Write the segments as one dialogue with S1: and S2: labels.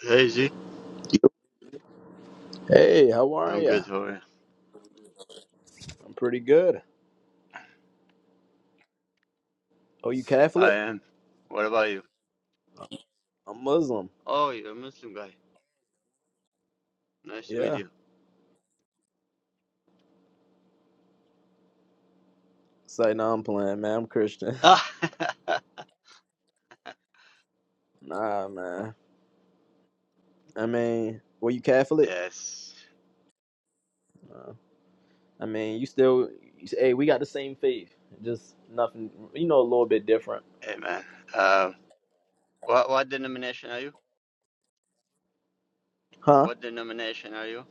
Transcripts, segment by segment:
S1: Hey Z,
S2: Hey, how are
S1: I'm
S2: ya?
S1: good. How are you?
S2: I'm pretty good. Oh, you
S1: I
S2: Catholic?
S1: am. What about you?
S2: I'm Muslim.
S1: Oh, you're a Muslim guy. Nice to meet
S2: Yeah.
S1: you.
S2: It's like, no, I'm playing, man. I'm Christian.
S1: Ah,
S2: Nah, man. I mean, were you Catholic?
S1: yes.
S2: Uh, I mean, you still, you, hey, we got the same faith. Just nothing, you know, a little bit different.
S1: Hey man. Uh, what what denomination are you?
S2: Huh?
S1: What denomination are you?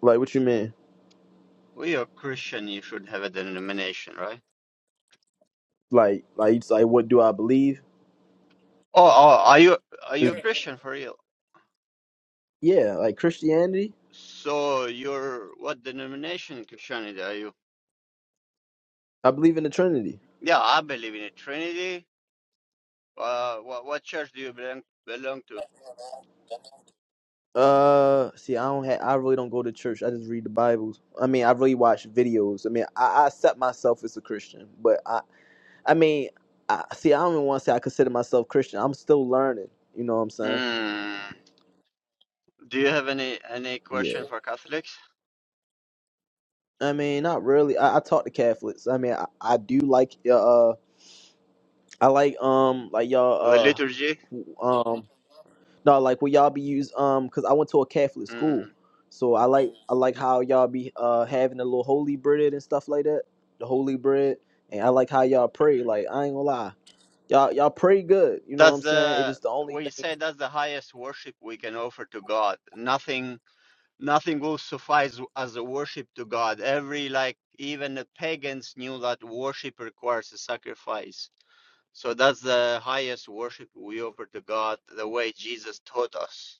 S2: Like, what you mean?
S1: Well, you're Christian. You should have a denomination, right?
S2: Like, like, it's like, what do I believe?
S1: Oh, oh, are you are you a
S2: It's-
S1: Christian for real?
S2: yeah, like Christianity.
S1: So you're what denomination Christianity are you?
S2: I believe in the Trinity.
S1: Yeah, I believe in a Trinity. Uh, what what church do you belong belong to?
S2: Uh, see, I don't have. I really don't go to church. I just read the Bibles. I mean, I really watch videos. I mean, I, I accept myself as a Christian, but I, I mean, I see. I don't even want to say I consider myself Christian. I'm still learning. You know what I'm saying?
S1: Hmm. Do you have any any
S2: Yeah.
S1: question for Catholics?
S2: I mean, not really. I, I talk to Catholics. I mean, I, I do like uh, uh, I like um, like
S1: The
S2: y'all uh,
S1: liturgy?
S2: who- um, No, like will y'all be use um cause I went to a Catholic school.
S1: Mm.
S2: So I like I like how y'all be uh having the little holy bread and stuff like that. The holy bread. And I like how y'all pray. Like I ain't gonna lie. Y'all y'all pray good, you know what
S1: That's
S2: I'm saying? It's
S1: the
S2: just the only
S1: we
S2: thing
S1: say that's the highest worship we can offer to God. Nothing nothing will suffice as a worship to God. Every like even the pagans knew that worship requires a sacrifice. So that's the highest worship we offer to God, the way Jesus taught us.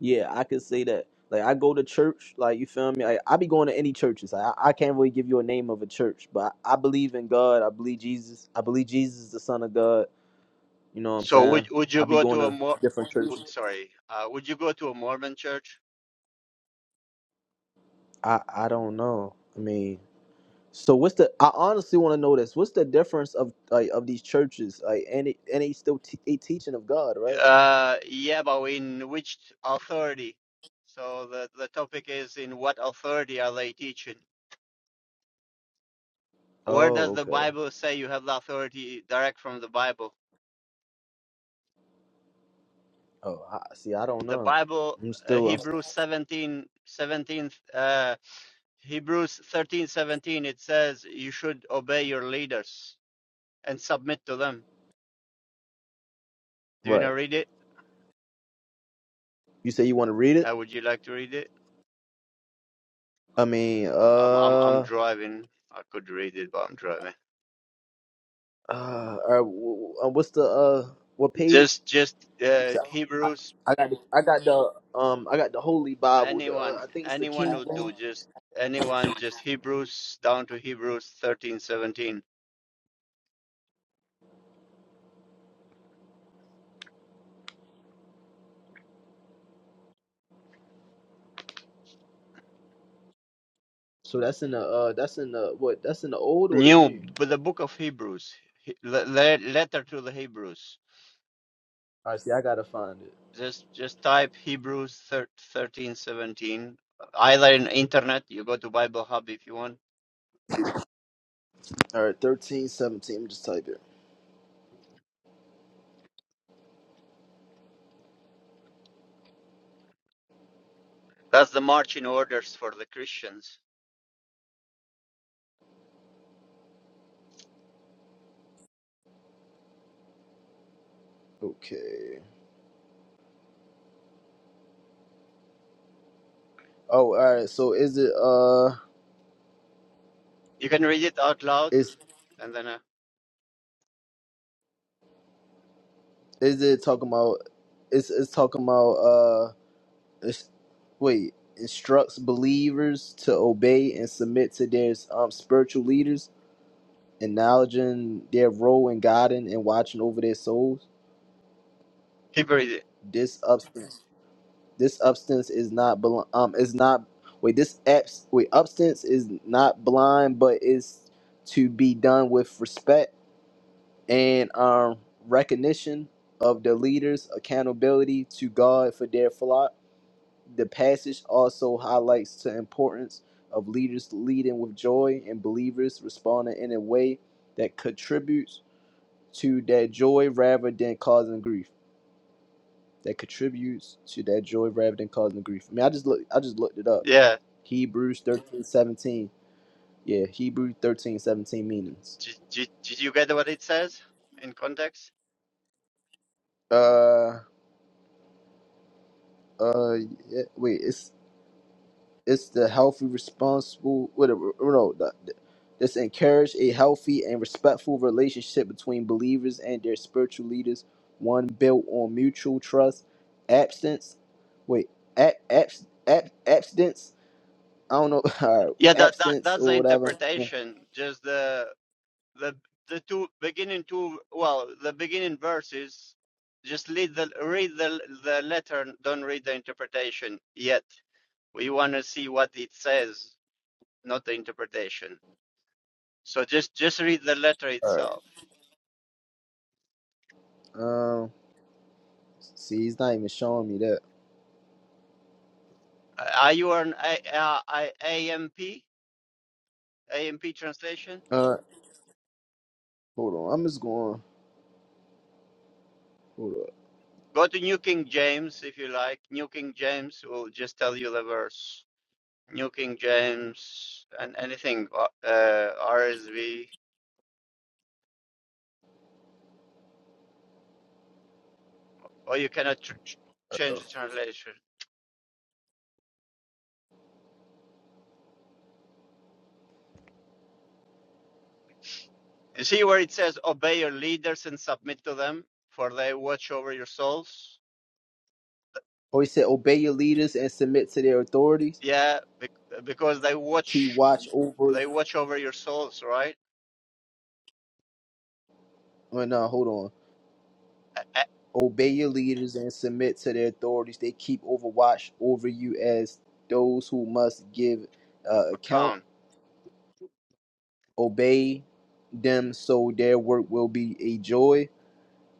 S2: yeah, I could say that. Like I go to church, like you feel me? Like, I be going to any churches. Like, I, I can't really give you a name of a church, but I, I believe in God. I believe Jesus. I believe Jesus is the Son of God. You know what I'm
S1: So would
S2: saying?
S1: would
S2: I
S1: you
S2: be
S1: go
S2: going
S1: to a
S2: to
S1: more
S2: different churches.
S1: sorry, uh, would you go to a Mormon church?
S2: I I don't know. I mean So what's the? I honestly want to know this. What's the difference of like, of these churches? Like, and it, and they still te- a teaching of God, right?
S1: Uh, yeah, but in which authority? So the, the topic is in what authority are they teaching? Where does
S2: Oh,
S1: the
S2: okay.
S1: Bible say you have the authority direct from the Bible?
S2: Oh, I, see, I don't
S1: The
S2: know.
S1: Bible,
S2: I'm
S1: uh,
S2: still I'm
S1: Hebrews 17, seventeen, uh, Hebrews 13, 17. it says you should obey your leaders and submit to them. Do you know
S2: right.
S1: read it?
S2: You say you want to read it?
S1: Uh, would you like to read it?
S2: I mean,
S1: I'm, I'm, I'm
S2: uh,
S1: driving. I could read it, but I'm driving.
S2: uh, uh wh- wh- uh, what's the uh what page?
S1: Just, just uh,
S2: So
S1: Hebrews
S2: I got the, I got the um I got the Holy Bible. The
S1: anyone
S2: uh, I think it's the
S1: anyone
S2: King
S1: would
S2: James.
S1: do just anyone just hebrews down to hebrews thirteen seventeen.
S2: So that's in the uh that's in the what that's in the old or the
S1: new
S2: new?
S1: but the book of hebrews he- le- le- letter to the hebrews
S2: All right, see, I gotta find it.
S1: just just type hebrews thir- thirteen seventeen. either in internet you go to bible hub if you want
S2: All right, thirteen, seventeen. Just type it.
S1: that's the marching orders for the christians
S2: Okay. Oh, all right. So is it uh
S1: you can read it out loud
S2: is
S1: and then uh,
S2: is it talking about it's it's talking about uh it's, wait, instructs believers to obey and submit to their um spiritual leaders, acknowledging their role in guiding and watching over their souls.
S1: hebrew
S2: This substance this substance is not bel- um is not wait, this abs- wait, substance is not blind but is to be done with respect and um, recognition of the leaders' accountability to God for their flock. The passage also highlights the importance of leaders leading with joy and believers responding in a way that contributes to that joy rather than causing grief. That contributes to that joy rather than causing grief. I mean, I just look, I just looked it up.
S1: yeah
S2: Hebrews thirteen seventeen. Yeah, Hebrews 13 17 meanings.
S1: did, did, did you get what it says in context
S2: Uh, uh, yeah, wait, it's It's the healthy, responsible, whatever. No, the, the- this encourage a healthy and respectful relationship between believers and their spiritual leaders, one built on mutual trust, Abstinence. Wait, ab, abs, ab, abstinence. I don't know. All right,
S1: Yeah, that, that
S2: abstinence
S1: that's the
S2: or whatever.
S1: interpretation. Just the the the two beginning two well, the beginning verses. Just read the read the the letter. Don't read the interpretation yet. We want to see what it says, not the interpretation. So just just read the letter
S2: All right.
S1: itself.
S2: Um. See, he's not even showing me that.
S1: Uh, Are you an A, uh, I- A M P A M P translation?
S2: Uh. Hold on. I'm just going. Hold on.
S1: Go to New King James if you like. New King James will just tell you the verse. New King James, and anything uh, uh, RSV, or you cannot tr- change the translation. You see where it says, obey your leaders and submit to them, for they watch over your souls?
S2: Oh, he said, obey your leaders and submit to their authorities.
S1: Yeah, bec- because they
S2: Keep
S1: watch,
S2: watch over.
S1: they watch over your souls, right?
S2: Oh no. Hold on.
S1: Account
S2: Obey your leaders and submit to their authorities. They keep overwatch over you as those who must give uh, account. Obey them so their work will be a joy,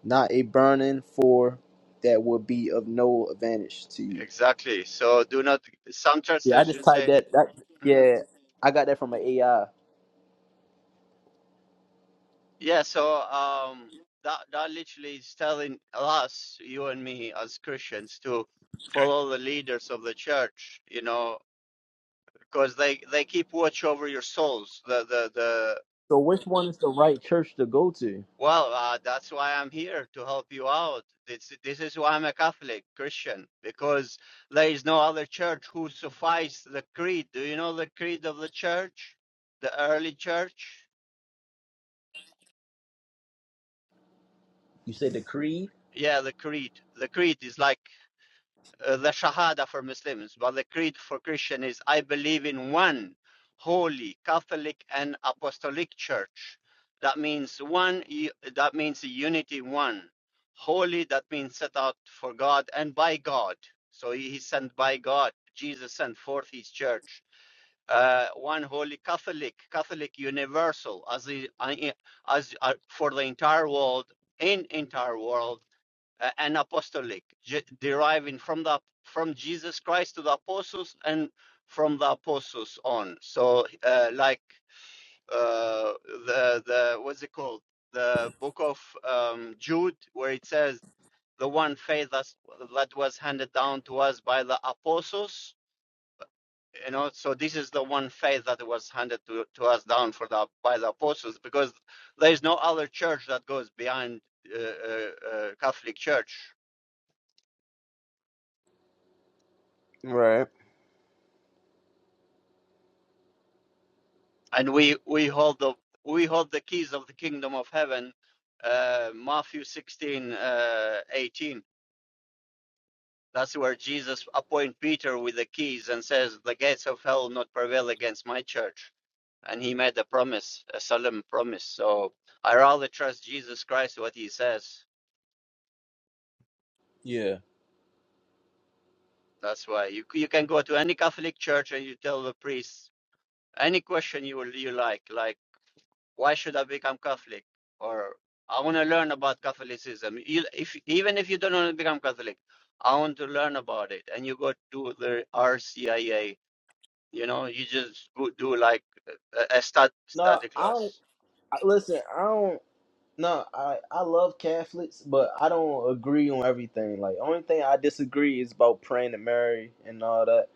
S2: not a burden, for that will be of no advantage to you.
S1: exactly. So do not, some
S2: Yeah, I just
S1: translations
S2: typed
S1: say,
S2: that. that
S1: mm-hmm.
S2: yeah, I got that from an AI.
S1: Yeah, so um, that that literally is telling us, you and me as Christians, to follow the leaders of the church, you know, because they they keep watch over your souls. The the the
S2: So, which one is the right church to go to?
S1: well, uh, that's why I'm here to help you out. This this is why I'm a Catholic Christian because there is no other church who suffice the creed. Do you know the creed of the church, the early church?
S2: You said the creed?
S1: Yeah, the creed. The creed is like uh, the Shahada for Muslims, but the creed for Christian is I believe in one holy Catholic and Apostolic Church. That means one. That means unity. One holy. That means set out for God and by God. So he sent by God. Jesus sent forth His church. Uh, one holy Catholic, Catholic universal, as the, as uh, for the entire world in entire world uh, and apostolic, deriving from the from Jesus Christ to the apostles and from the apostles on. So, uh, like uh, the the what's it called? The book of um, Jude, where it says the one faith that's, that was handed down to us by the apostles. You know, so this is the one faith that was handed to, to us down for the by the apostles, because there is no other church that goes behind uh, uh, uh, Catholic Church
S2: Right.
S1: and we we hold the we hold the keys of the kingdom of heaven uh matthew 16 uh 18 that's where jesus appoint peter with the keys and says the gates of hell will not prevail against my church and he made a promise a solemn promise so i rather trust jesus christ what he says
S2: Yeah.
S1: that's why you you can go to any catholic church and you tell the priest any question you will you like like Why should I become Catholic? Or I want to learn about Catholicism. You, if even if you don't want to become Catholic, I want to learn about it. And you go to the RCIA. You know, you just go do like a, a stud,
S2: No,
S1: study
S2: I don't.
S1: class.
S2: I- Listen, I don't. No, I I love Catholics, but I don't agree on everything. Like, only thing I disagree is about praying to Mary and all that.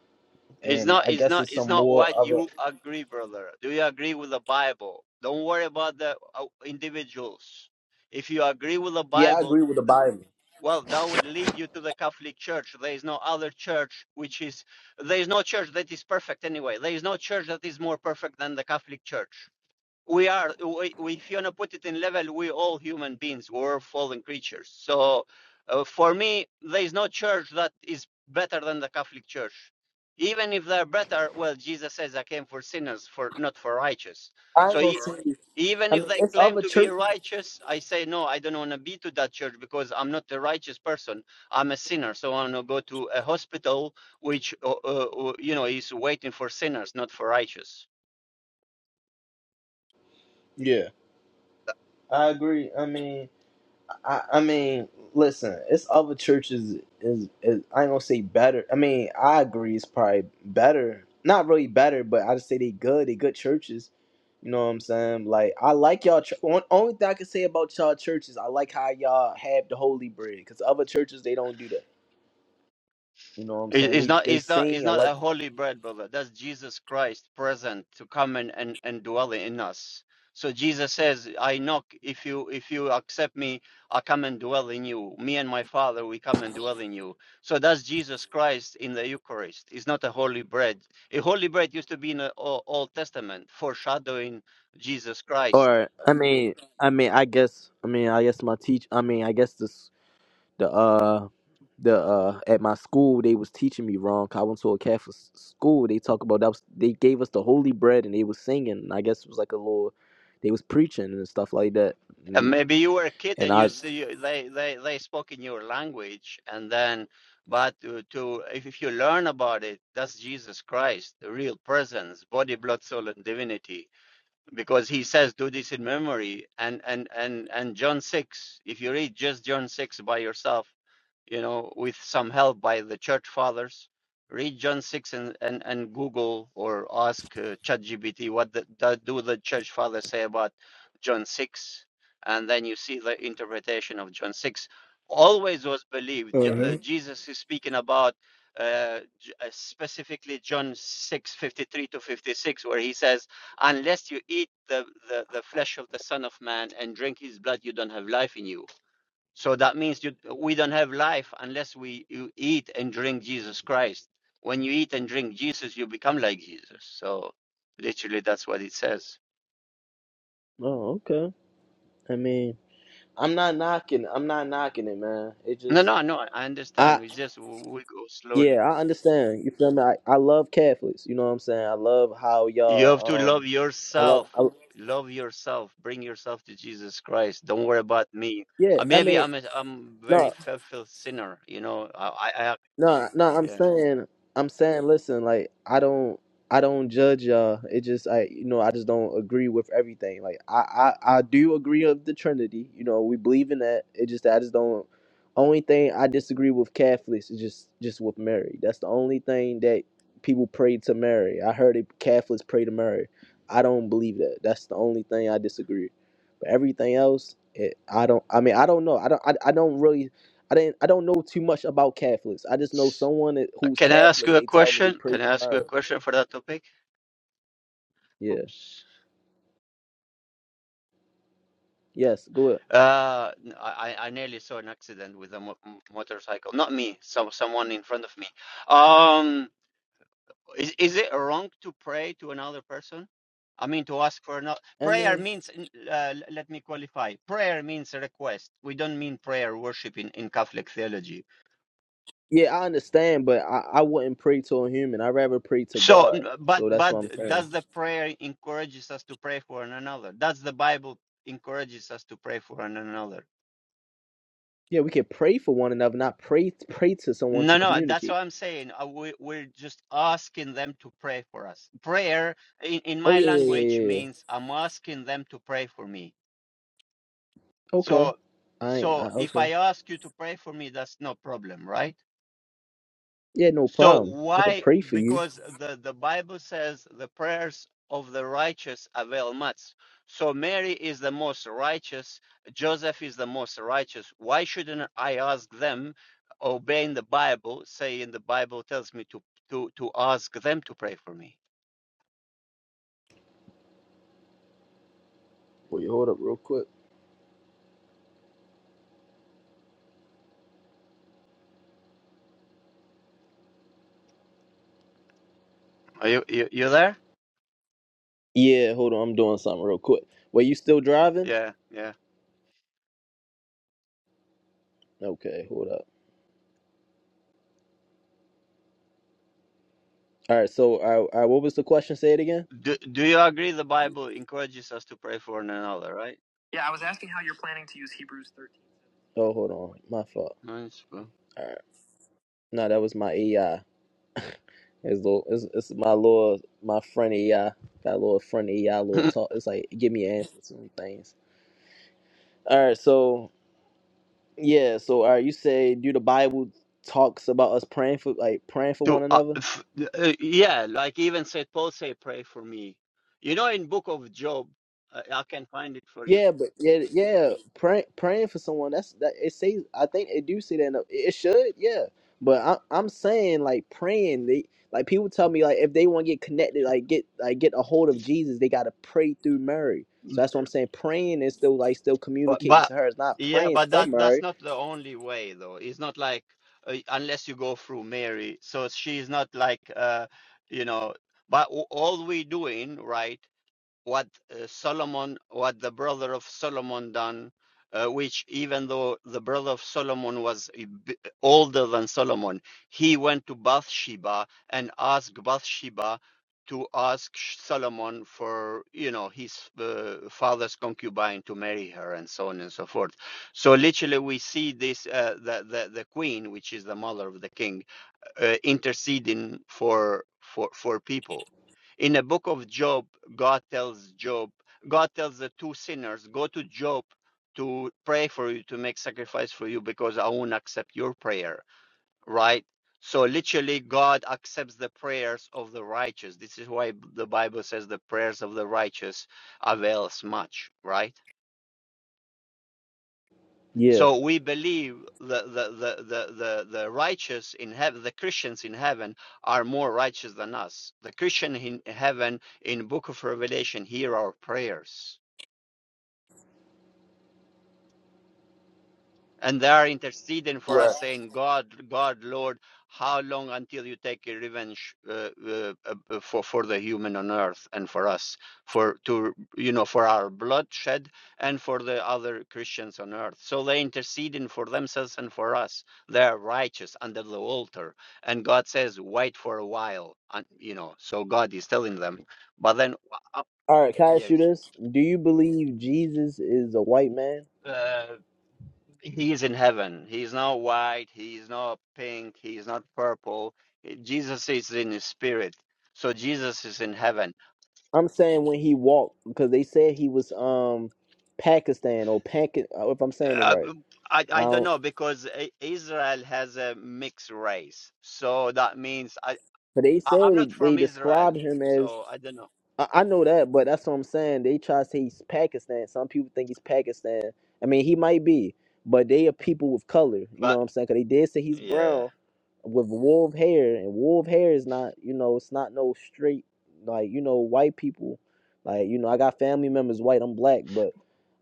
S1: It's
S2: And
S1: not.
S2: I
S1: It's
S2: guess
S1: not.
S2: it's
S1: It's
S2: some
S1: not
S2: more
S1: what
S2: other.
S1: you agree, brother. Do you agree with the Bible? Don't worry about the uh, individuals. If you agree with the
S2: Yeah, I
S1: Bible
S2: agree with the Bible.
S1: Well, that would lead you to the Catholic Church. There is no other church which is, there is no church that is perfect anyway. There is no church that is more perfect than the Catholic Church we are we, if you want to put it in level we all human beings we're fallen creatures so uh, for me there is no church that is better than the catholic church even if they're better well jesus says i came for sinners for not for righteous
S2: I
S1: so
S2: ain't gonna
S1: e-
S2: say.
S1: even
S2: I
S1: if
S2: mean,
S1: they
S2: it's
S1: claim
S2: other
S1: to be
S2: churches.
S1: righteous i say no i don't want to be to that church because i'm not a righteous person i'm a sinner so i want to go to a hospital which uh, uh, uh, you know is waiting for sinners not for righteous
S2: Yeah, I agree. I mean, I, I mean, listen, it's other churches is, is I ain't gonna say better. I mean, I agree it's probably better. Not really better, but I just say they good. They good churches. You know what I'm saying? Like I like y'all. chur- on- Only thing I can say about y'all churches, I like how y'all have the holy bread. Cause other churches they don't do that. You know what I'm
S1: It-
S2: saying?
S1: It's
S2: They
S1: not,
S2: they
S1: it's not, it's
S2: sing. I
S1: not
S2: like.
S1: a holy bread, brother. That's Jesus Christ present to come and, and, and dwell in us. So Jesus says, I knock, if you if you accept me, I come and dwell in you. Me and my Father, we come and dwell in you. So that's Jesus Christ in the Eucharist. It's not a holy bread. A holy bread used to be in the O- Old Testament, foreshadowing Jesus Christ.
S2: Or I mean, I mean, I guess. I mean, I guess my teach. I mean, I guess this. the uh the uh at my school they was teaching me wrong 'cause I went to a Catholic s- school. They talk about that was, they gave us the holy bread and they was singing. and I guess it was like a little they was preaching and stuff like that.
S1: And
S2: Mm,
S1: maybe you were a kid
S2: And
S1: and
S2: I
S1: you see they, they, they spoke in your language and then but to, to if, if you learn about it, that's Jesus Christ, the real presence, body, blood, soul, and divinity because he says do this in memory and and and and john 6 if you read just john 6 by yourself you know with some help by the church fathers read john 6 and and, and google or ask uh, chatgpt what the, the, do the church fathers say about john 6 and then you see the interpretation of john 6 always was believed J- uh,
S2: Uh-huh.
S1: jesus is speaking about uh, J- uh, specifically john 6 53 to 56 where he says unless you eat the, the, the flesh of the Son of Man and drink his blood, you don't have life in you. So that means you, we don't have life unless we you eat and drink Jesus Christ. When you eat and drink Jesus, you become like Jesus. So literally, that's what it says.
S2: oh okay. I mean I'm not knocking I'm not knocking it, man. It
S1: No,
S2: just
S1: no, no, I understand.
S2: I
S1: We just, we go slowly.
S2: yeah I understand. You feel me? I, I love Catholics. You know what I'm saying? I love how
S1: You have to
S2: y'all um
S1: love
S2: I love
S1: yourself.
S2: I,
S1: Love yourself. Bring yourself to Jesus Christ. Don't worry about me.
S2: yeah.
S1: Uh,
S2: I
S1: Maybe
S2: mean
S1: I'm a, I'm
S2: no.
S1: very filthy sinner, you know. I, I, I
S2: No, no, I'm saying, I'm saying, listen, like I don't, I don't judge y'all. It just, I, you know, I just don't agree with everything. Like I, I, I do agree of the Trinity. You know, we believe in that. It just, I just don't. Only thing I disagree with Catholics is just, just with Mary. That's the only thing that people pray to Mary. I heard it, Catholics pray to Mary. I don't believe that. That's the only thing I disagree. But everything else, it, I don't. I mean, I don't know. I don't. I, I don't really I didn't. I don't know too much about Catholics. I just know
S1: yeah.
S2: someone that- who's
S1: Can I ask you
S2: Catholic.
S1: a
S2: They tell me they
S1: question?
S2: pray
S1: Can I
S2: for
S1: ask you a
S2: marriage.
S1: question for that topic?
S2: Yeah.
S1: Oops.
S2: Yes. Go ahead.
S1: Uh, n- I, I I nearly saw an accident with a mo m- motorcycle. Not me, some someone in front of me. Um, is is it wrong to pray to another person? I mean, to ask for another
S2: I
S1: prayer
S2: mean,
S1: means. n- Uh, l- let me qualify. Prayer means request. We don't mean prayer worship in, in Catholic theology.
S2: yeah, I understand, but I, I wouldn't pray to a human. I would rather pray to
S1: So,
S2: God.
S1: n- but
S2: So that's
S1: but
S2: what I'm saying.
S1: does the prayer encourages us to pray for one another? Does the Bible encourages us to pray for one another?
S2: Yeah, we can pray for one another, not pray pray to someone to
S1: No, no, that's what
S2: communicate.
S1: I'm saying. Uh, We, we're just asking them to pray for us. Prayer in, in
S2: Oh
S1: my
S2: yeah, yeah, yeah,
S1: language
S2: yeah. yeah.
S1: means I'm asking them to pray for me.
S2: Okay.
S1: So,
S2: I ain't. I,
S1: so if
S2: okay.
S1: I ask you to pray for me, that's no problem, right?
S2: Yeah, no
S1: So
S2: problem. I could
S1: why?
S2: pray for you.
S1: Because the, the Bible says the prayers of the righteous avail much. So Mary is the most righteous. Joseph is the most righteous. Why shouldn't I ask them, obeying the Bible, saying the Bible tells me to to to ask them to pray for me?
S2: Wait, hold up, real quick.
S1: Are you you, you there?
S2: Yeah, hold on. I'm doing something real quick. Wait, you still driving?
S1: Yeah, yeah.
S2: Okay, hold up. All right, so uh, all right, what was the question? Say it again.
S1: Do do you agree the Bible encourages us to pray for one another, right?
S2: Oh, hold on, my fault.
S1: Nice. bro.
S2: All right, no, that was my AI. It's little, it's, it's my little, my friend AI. Got a little friend AI, little talk. It's like give me an answer to some things. All right, so yeah, so all right, you say do the Bible talks about us praying for like praying for
S1: to
S2: one
S1: uh,
S2: another?
S1: f- uh, yeah like even saint paul say pray for me you know in book of job uh, i can find it for you
S2: Yeah, but yeah, yeah, praying praying for someone that's that it says I think it do say that in the, it should yeah, but I, I'm saying like praying they like people tell me like if they want to get connected like get like get a hold of Jesus they got to pray through Mary so
S1: Mm,
S2: that's what I'm saying praying is still like still
S1: but,
S2: communicating
S1: but
S2: to her it's not
S1: yeah
S2: praying
S1: but
S2: for
S1: that that's
S2: Mary
S1: not the only way though it's not like uh, unless you go through mary so she's not like uh you know but w- all we doing right what uh, Solomon, what the brother of Solomon done, uh, which even though the brother of Solomon was older than Solomon, he went to Bathsheba and asked Bathsheba to ask Solomon for, you know, his uh, father's concubine to marry her and so on and so forth. So literally we see this, uh, the, the, the queen, which is the mother of the king, uh, interceding for for for people in the book of job god tells job god tells the two sinners go to job to pray for you to make sacrifice for you because i won't accept your prayer right so literally god accepts the prayers of the righteous this is why the bible says the prayers of the righteous avails much right
S2: yeah
S1: so we believe the the the the the, the righteous in heaven, the Christians in heaven are more righteous than us. The Christian in heaven in Book of Revelation hear our prayers. and they are interceding for us
S2: right
S1: saying god god lord how long until you take your revenge uh, uh, uh, uh, for for the human on earth and for us for to you know for our bloodshed and for the other christians on earth so they interceding for themselves and for us they are righteous under the altar and god says wait for a while and you know so god is telling them but then uh,
S2: all right can I ask you
S1: yes
S2: this do you believe Jesus is a white man
S1: uh, He is in heaven. He is not white. He is not pink. He is not purple. Eh, Jesus is in his spirit. So Jesus is in heaven.
S2: I'm saying when he walked because they said he was um Pakistan or Pac if I'm saying it
S1: Uh,
S2: right.
S1: uh, I, I don't
S2: out.
S1: know because I- Israel has a mixed race. So that means I,
S2: But they
S1: I,
S2: say
S1: I'm not
S2: they, they
S1: from Israel.
S2: describe him as
S1: So I don't know.
S2: I, I know that, but that's what I'm saying. They try to say he's Pakistan. Some people think he's Pakistan. I mean, he might be, but they are people with color. You know
S1: But
S2: what I'm saying? 'Cause they did say he's
S1: yeah.
S2: brown with wolf hair, and wolf hair is not, you know, it's not no straight like you know white people. Like you know, I got family members white. I'm black, but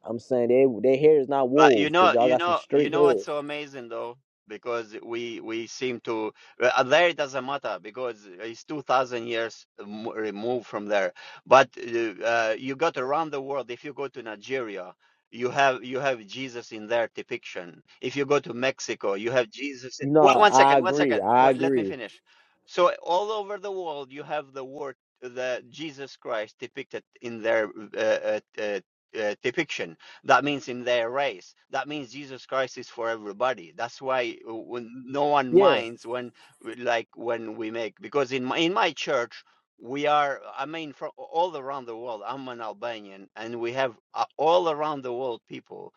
S2: I'm saying they their hair is not
S1: But you
S2: wolf because
S1: know,
S2: y'all
S1: you
S2: got some
S1: know, you
S2: straight
S1: know what's
S2: hair.
S1: so amazing though, because we we seem to uh, there it doesn't matter because it's two thousand years m- removed from there. But uh, uh, you got around the world. If you go to Nigeria, you have you have Jesus in their depiction. If you go to Mexico, you have Jesus. In...
S2: No,
S1: One, one
S2: I
S1: second, one
S2: agree.
S1: second.
S2: I
S1: Wait, Let me
S2: agree.
S1: finish. So all over the world, you have the word the Jesus Christ depicted in their uh, uh, uh, uh, depiction that means in their race. That means Jesus Christ is for everybody. That's why uh, when no one
S2: Yeah,
S1: minds when like when we make because in my in my church we are I mean from all around the world. I'm an Albanian and we have uh, all around the world people,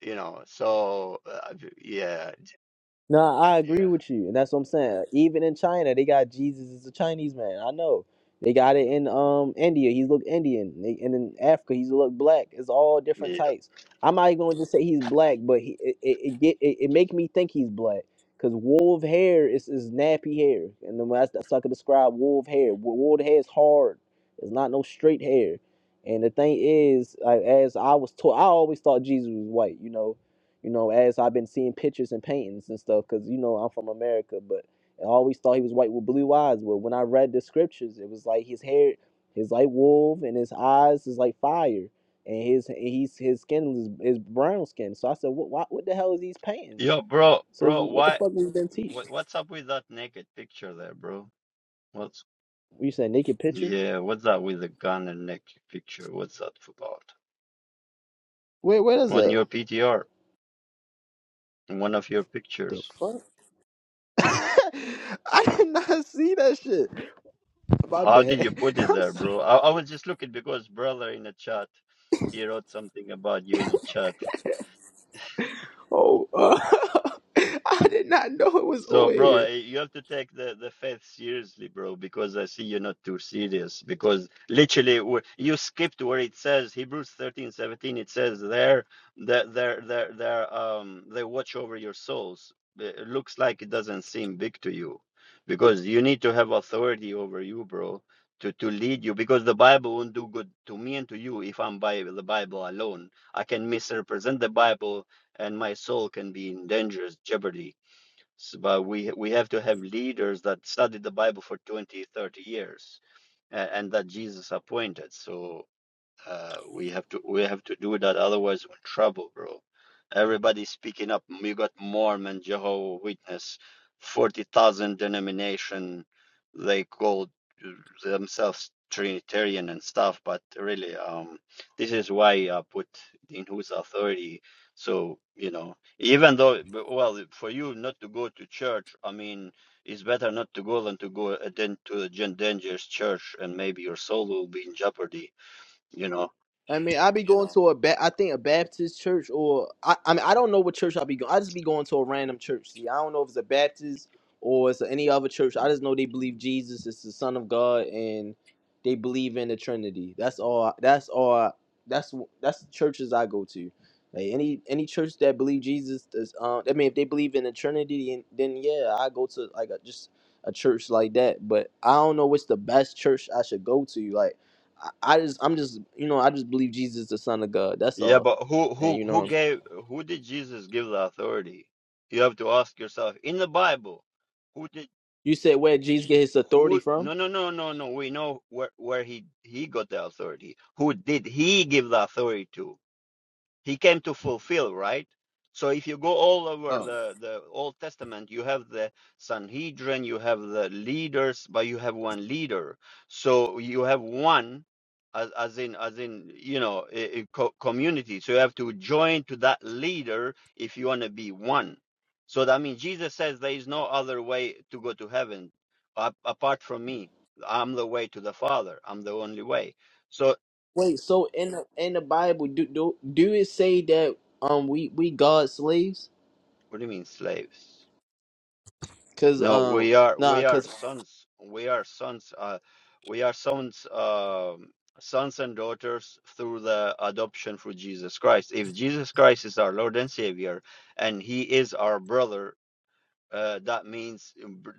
S1: you know. So uh, yeah,
S2: No, I agree
S1: yeah.
S2: with you, and that's what I'm saying. Even in China, they got Jesus is a Chinese man. I know they got it in um India. He's look Indian, they, and in Africa he's look black. It's all different
S1: Yeah.
S2: types. I'm not even going to just say he's black, but he, it it it, get, it it make me think he's black because wolf hair is is nappy hair, and then that's that's how I could describe wolf hair. Wo- Wolf hair is hard. It's not no straight hair. And the thing is, like, as I was taught, I always thought Jesus was white, you know you know, as I've been seeing pictures and paintings and stuff, because, you know, I'm from America, but I always thought he was white with blue eyes. But when I read the scriptures, it was like his hair is like wolf and his eyes is like fire. And his and he's his skin is, is brown skin. So I said, what, what what the hell is these paintings?
S1: Yo bro,
S2: So it's,
S1: bro,
S2: what the
S1: why
S2: fuck was been teach?
S1: what what's up with that naked picture there, bro? What's
S2: you said naked picture?
S1: yeah, what's that with the gun and naked picture? What's that about?
S2: Wait, where is
S1: on
S2: that?
S1: your PTR, in one of your
S2: The
S1: pictures.
S2: fuck? I did not see that shit. My
S1: How did you
S2: bad.
S1: put it
S2: I'm
S1: there,
S2: so.
S1: bro? I, I was just looking because brother in the chat, he wrote something about you in the chat.
S2: Oh, uh, I did not know it was
S1: So,
S2: on
S1: bro,
S2: here.
S1: eh, you have to take the, the faith seriously, bro, because I see you're not too serious. Because literally, wh- you skipped where it says Hebrews 13:17. it says there that they're, they're, they're, um, they watch over your souls. Eh, It looks like it doesn't seem big to you because you need to have authority over you, bro, to, to lead you. Because the Bible won't do good to me and to you if I'm by the Bible alone. I can misrepresent the Bible and my soul can be in dangerous jeopardy S but we we have to have leaders that studied the Bible for 20 30 years, uh, and that Jesus appointed. So uh, we have to we have to do that, otherwise we're in trouble, bro. Everybody's speaking up. You got Mormon, Jehovah Witness, forty thousand denomination. They call themselves Trinitarian and stuff, but really, um, this is why I put in whose authority. So you know, even though b- well, for you not to go to church, I mean, it's better not to go than to go uh, than to a gen- dangerous church, and maybe your soul will be in jeopardy. You know
S2: I mean, I be going to a ba- I think a Baptist church or I, I mean I don't know what church I be going. I just be going to a random church. See, I don't know if it's a Baptist or it's any other church. I just know they believe Jesus is the Son of God and they believe in the Trinity. That's all. That's all. That's that's the churches I go to. Like any any church that believe Jesus is, um, I mean, if they believe in the Trinity, then then yeah, I go to like a, just a church like that. But I don't know what's the best church I should go to. Like. I, I just I'm just you know I just believe Jesus is the Son of God. That's
S1: Yeah,
S2: all.
S1: but who
S2: And
S1: who
S2: you
S1: who
S2: know
S1: gave who did Jesus give the authority? You have to ask yourself in the Bible, who did
S2: you said where did Jesus get his authority
S1: who
S2: from?
S1: no no no no no we know where where he he got the authority. Who did he give the authority to? he came to fulfill right so if you go all over
S2: Oh,
S1: the the old testament you have the sanhedrin you have the leaders but you have one leader so you have one as, as in as in you know a, a co- community so you have to join to that leader if you want to be one so that means jesus says there is no other way to go to heaven a- apart from me i'm the way to the father i'm the only way so
S2: Wait, so in the in the Bible do do do it say that um we we God's slaves?
S1: what do you mean slaves
S2: Cause
S1: No,
S2: um
S1: we are
S2: nah
S1: we are
S2: cause
S1: sons. We are sons. Uh, we are sons, um sons and daughters through the adoption through Jesus Christ. If Jesus Christ is our Lord and Savior, and He is our brother, uh, that means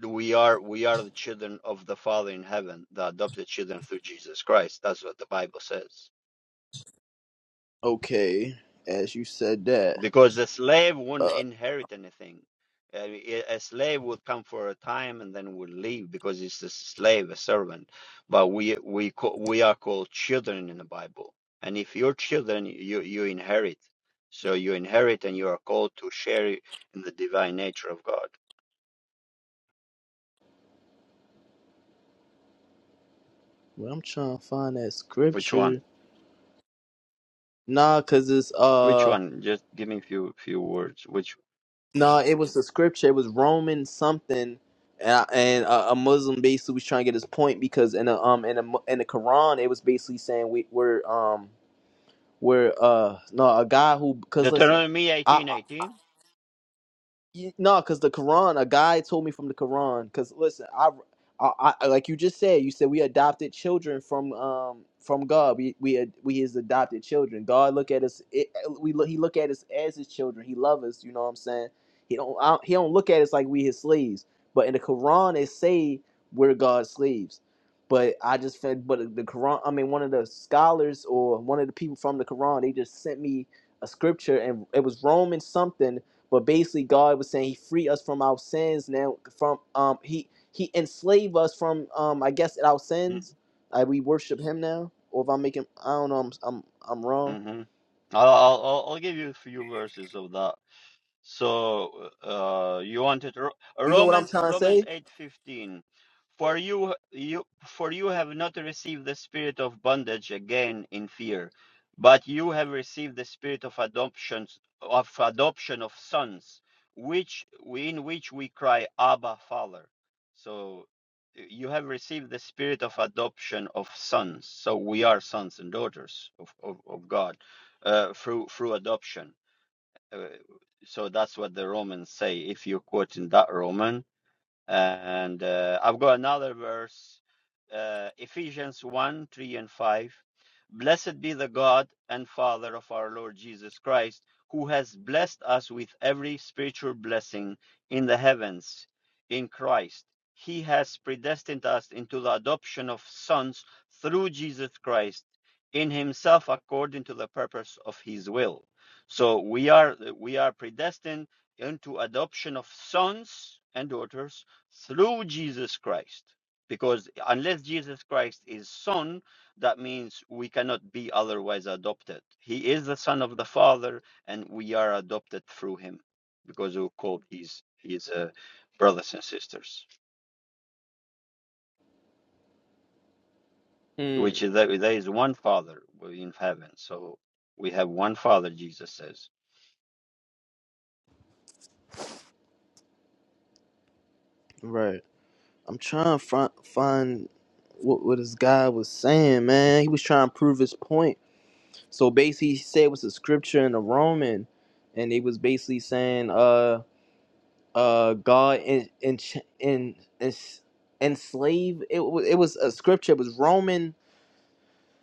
S1: we are we are the children of the Father in heaven, the adopted children through Jesus Christ. That's what the Bible says.
S2: okay as you said that
S1: because the slave will
S2: uh
S1: not inherit anything. Uh, A a slave would come for a time and then would leave because it's a slave, a servant. But we we ca- we are called children in the Bible, and if you're children, you you inherit. So you inherit, and you are called to share in the divine nature of God.
S2: well, I'm trying to find that
S1: Which one?
S2: scripture. Nah, cause it's
S1: Which
S2: uh
S1: one? Just give me a few few words. Which
S2: No, it was the scripture. It was Roman something, and, I- and a, a Muslim basically was trying to get his point because in the um in the mu- in the Quran it was basically saying we we're um we're uh no a guy who because listen.
S1: Deuteronomy eighteen eighteen?
S2: You, no, because the Quran, a guy told me from the Quran. Because listen, I, I, I, like you just said, you said we adopted children from um from God. We we ad- we his adopted children. God look at us. It, we look. He look at us as his children. He love us. You know what I'm saying? He don't. I, don't- he don't look at us like we his slaves. But in the Quran, it say we're God's slaves. But I just fed. But the Quran. I mean, one of the scholars or one of the people from the Quran, they just sent me a scripture, and it was Romans something but basically, God was saying He free us from our sins now. From um, He He enslave us from um, I guess our sins. Like we worship Him now. Or if I'm making, I don't know, I'm I'm, I'm wrong.
S1: Mm-hmm. I'll, I'll I'll I'll give you a few verses of that. So uh, you wanted Ro-
S2: You know what I'm
S1: Romans
S2: trying to
S1: Romans
S2: say?
S1: eight fifteen, for you you for you have not received the spirit of bondage again in fear, but you have received the spirit of adoption of adoption of sons, which we, in which we cry Abba Father. So y- you have received the spirit of adoption of sons. So we are sons and daughters of of, of God uh, through through adoption uh, so that's what the Romans say. If you quote in that Roman, and uh, I've got another verse, uh, Ephesians 1 3 and 5. Blessed be the God and Father of our Lord Jesus Christ, who has blessed us with every spiritual blessing in the heavens in Christ. He has predestined us into the adoption of sons through Jesus Christ in himself according to the purpose of his will. So we are we are predestined into adoption of sons and daughters through Jesus Christ. Because unless Jesus Christ is Son, that means we cannot be otherwise adopted. He is the Son of the Father, and we are adopted through Him, because we call His His uh, brothers and sisters.
S2: Hmm.
S1: Which is there, there is one Father in heaven, so we have one Father. Jesus says.
S2: Right. I'm trying to find, find what, what this guy was saying, man. He was trying to prove his point. So basically, he said it was a scripture in the Roman, and they was basically saying, uh, uh, God in in in, in enslaved. It wa- it was a scripture. It was Roman.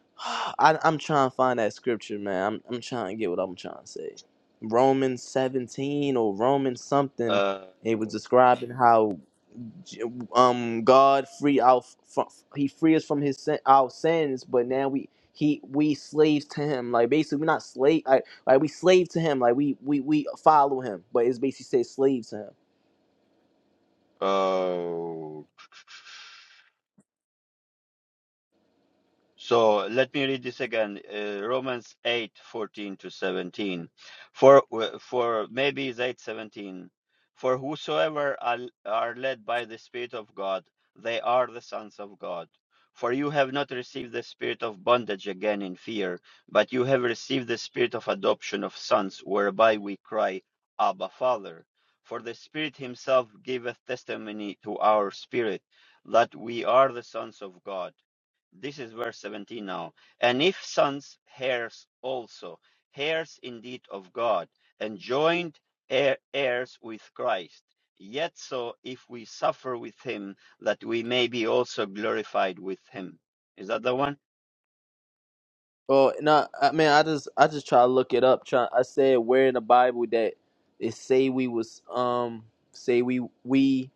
S2: I, I'm trying to find that scripture, man. I'm I'm trying to get what I'm trying to say. Roman 17 or Roman something.
S1: Uh,
S2: It was describing how um God free out from he free us from his sin, our sins, but now we he we slaves to him. Like basically we're not slave like, like we slave to him. Like we we we follow him, but it's basically say slaves to him.
S1: uh, So let me read this again, uh, Romans 8 14 to 17. For, for maybe it's 8 17. For whosoever are, are led by the Spirit of God, they are the sons of God. For you have not received the spirit of bondage again in fear, but you have received the spirit of adoption of sons, whereby we cry, Abba, Father. For the Spirit himself giveth testimony to our spirit that we are the sons of God. This is verse 17 now. And if sons, heirs also, heirs indeed of God, and joint heir- heirs with Christ. Yet so, if we suffer with him, that we may be also glorified with him. Is that the one?
S2: Oh no, I mean I just I just try to look it up. Try I said where in the Bible that it say we was um say we we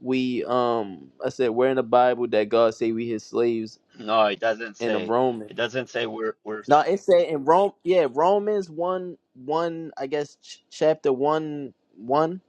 S2: we um I said where in the Bible that God say we his slaves
S1: No, it doesn't
S2: in the
S1: say.
S2: Romans.
S1: It doesn't say we're, we're
S2: No, it say in Rome. Yeah, Romans one one. I guess ch- chapter one one.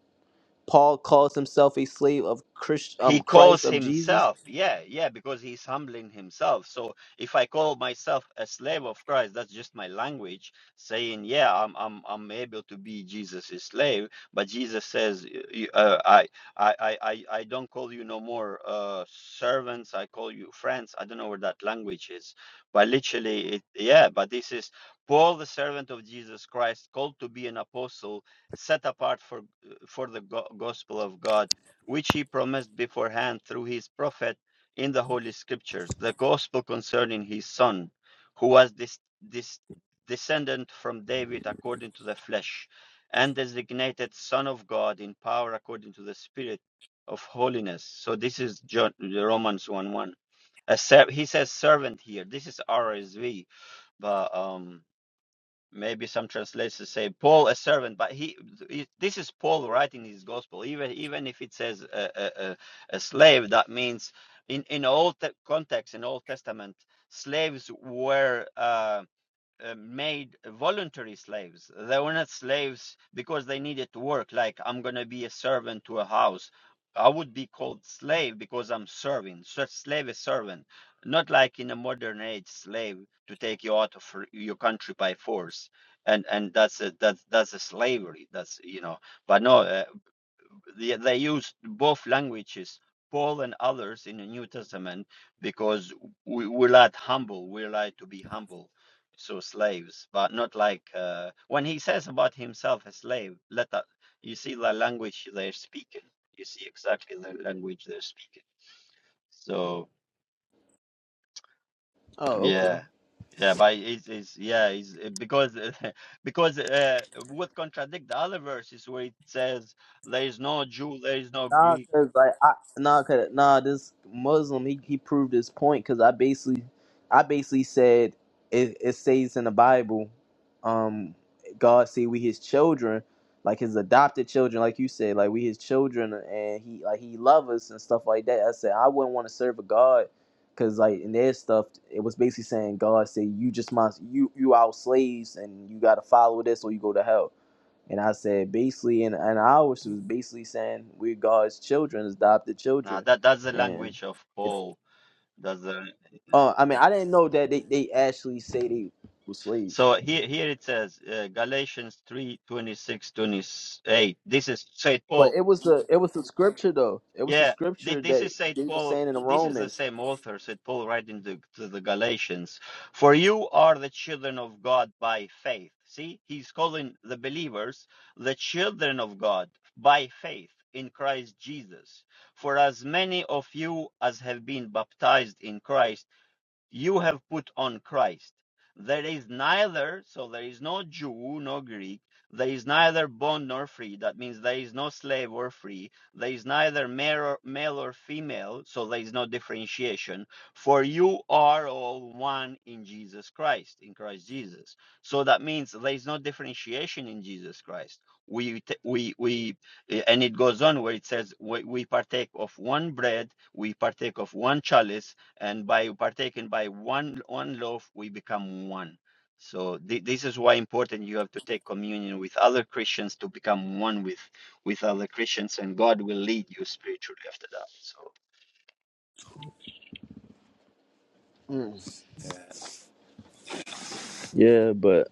S2: Paul calls himself a slave of Christ,
S1: He
S2: um, Christ
S1: calls
S2: of Jesus.
S1: himself, yeah, yeah, because he's humbling himself. So if I call myself a slave of Christ, that's just my language saying, yeah, I'm I'm I'm able to be Jesus' slave. But Jesus says, y- y- uh, I, I I I I don't call you no more uh, servants. I call you friends. I don't know where that language is, but literally, it, yeah. But this is Paul, the servant of Jesus Christ, called to be an apostle, set apart for uh, for the go- gospel of God which he promised beforehand through his prophet in the Holy Scriptures, the gospel concerning his son, who was this, this descendant from David according to the flesh, and designated Son of God in power according to the Spirit of holiness. So this is John, Romans 1 1. he says servant here. This is RSV, but um, maybe some translations say paul a servant but he this is paul writing his gospel even even if it says a, a, a a slave that means in in all te- context in old testament slaves were uh, uh, made voluntary slaves. They were not slaves because they needed to work. Like I'm gonna be a servant to a house. I would be called slave because I'm serving. So slave is servant, not like in a modern age slave to take you out of your country by force. And and that's a that's that's a slavery. That's you know. But no. uh, they, they used both languages, Paul and others in the New Testament, because we, we're like humble, we're like to be humble, so slaves, but not like uh, when he says about himself a slave. Let that you see the language they're speaking. You see exactly the language they're speaking. So
S2: Oh, okay.
S1: yeah. Yeah, but it's, it's yeah, it's uh, because uh, because uh, would contradict the other verses where it says there is no Jew, there is no
S2: Nah,
S1: Greek,
S2: cause like I nah, cause nah, this Muslim he he proved his point because I basically, I basically said it it says in the Bible, um, God say we His children, like His adopted children, like you said, like we His children, and he like He love us and stuff like that. I said I wouldn't want to serve a God, cause like in their stuff it was basically saying God say you just my you you our slaves and you gotta follow this or you go to hell. And I said, basically, and, and ours was basically saying we're God's children, adopted
S1: Now
S2: children.
S1: that that's the
S2: And
S1: language of
S2: it,
S1: Paul. That's the yeah.
S2: uh, I mean, I didn't know that they, they actually say they were slaves,
S1: so here here it says uh, Galatians 3, twenty-six 28. This is Saint
S2: but
S1: Paul.
S2: it was the it was the scripture though. It was the
S1: Yeah, thi-
S2: scripture
S1: this
S2: that
S1: is Saint
S2: they were
S1: Paul.
S2: saying in the
S1: This is the
S2: Romans.
S1: same author, Saint Paul, writing to, to the Galatians. For you are the children of God by faith. See, he's calling the believers the children of God by faith in Christ Jesus. For as many of you as have been baptized in Christ you have put on Christ. There is neither, so there is no Jew, no Greek, there is neither bond nor free. That means there is no slave or free. There is neither male or, male or female, so there is no differentiation. For you are all one in Jesus Christ, in Christ Jesus. So that means there is no differentiation in Jesus Christ. We, t- we, we, eh, and it goes on where it says, we, we partake of one bread, we partake of one chalice, and by partaking by one one loaf we become one so thi- this is why important you have to take communion with other christians to become one with with other christians and god will lead you spiritually after that so
S2: Mm.
S1: yeah
S2: Yeah, but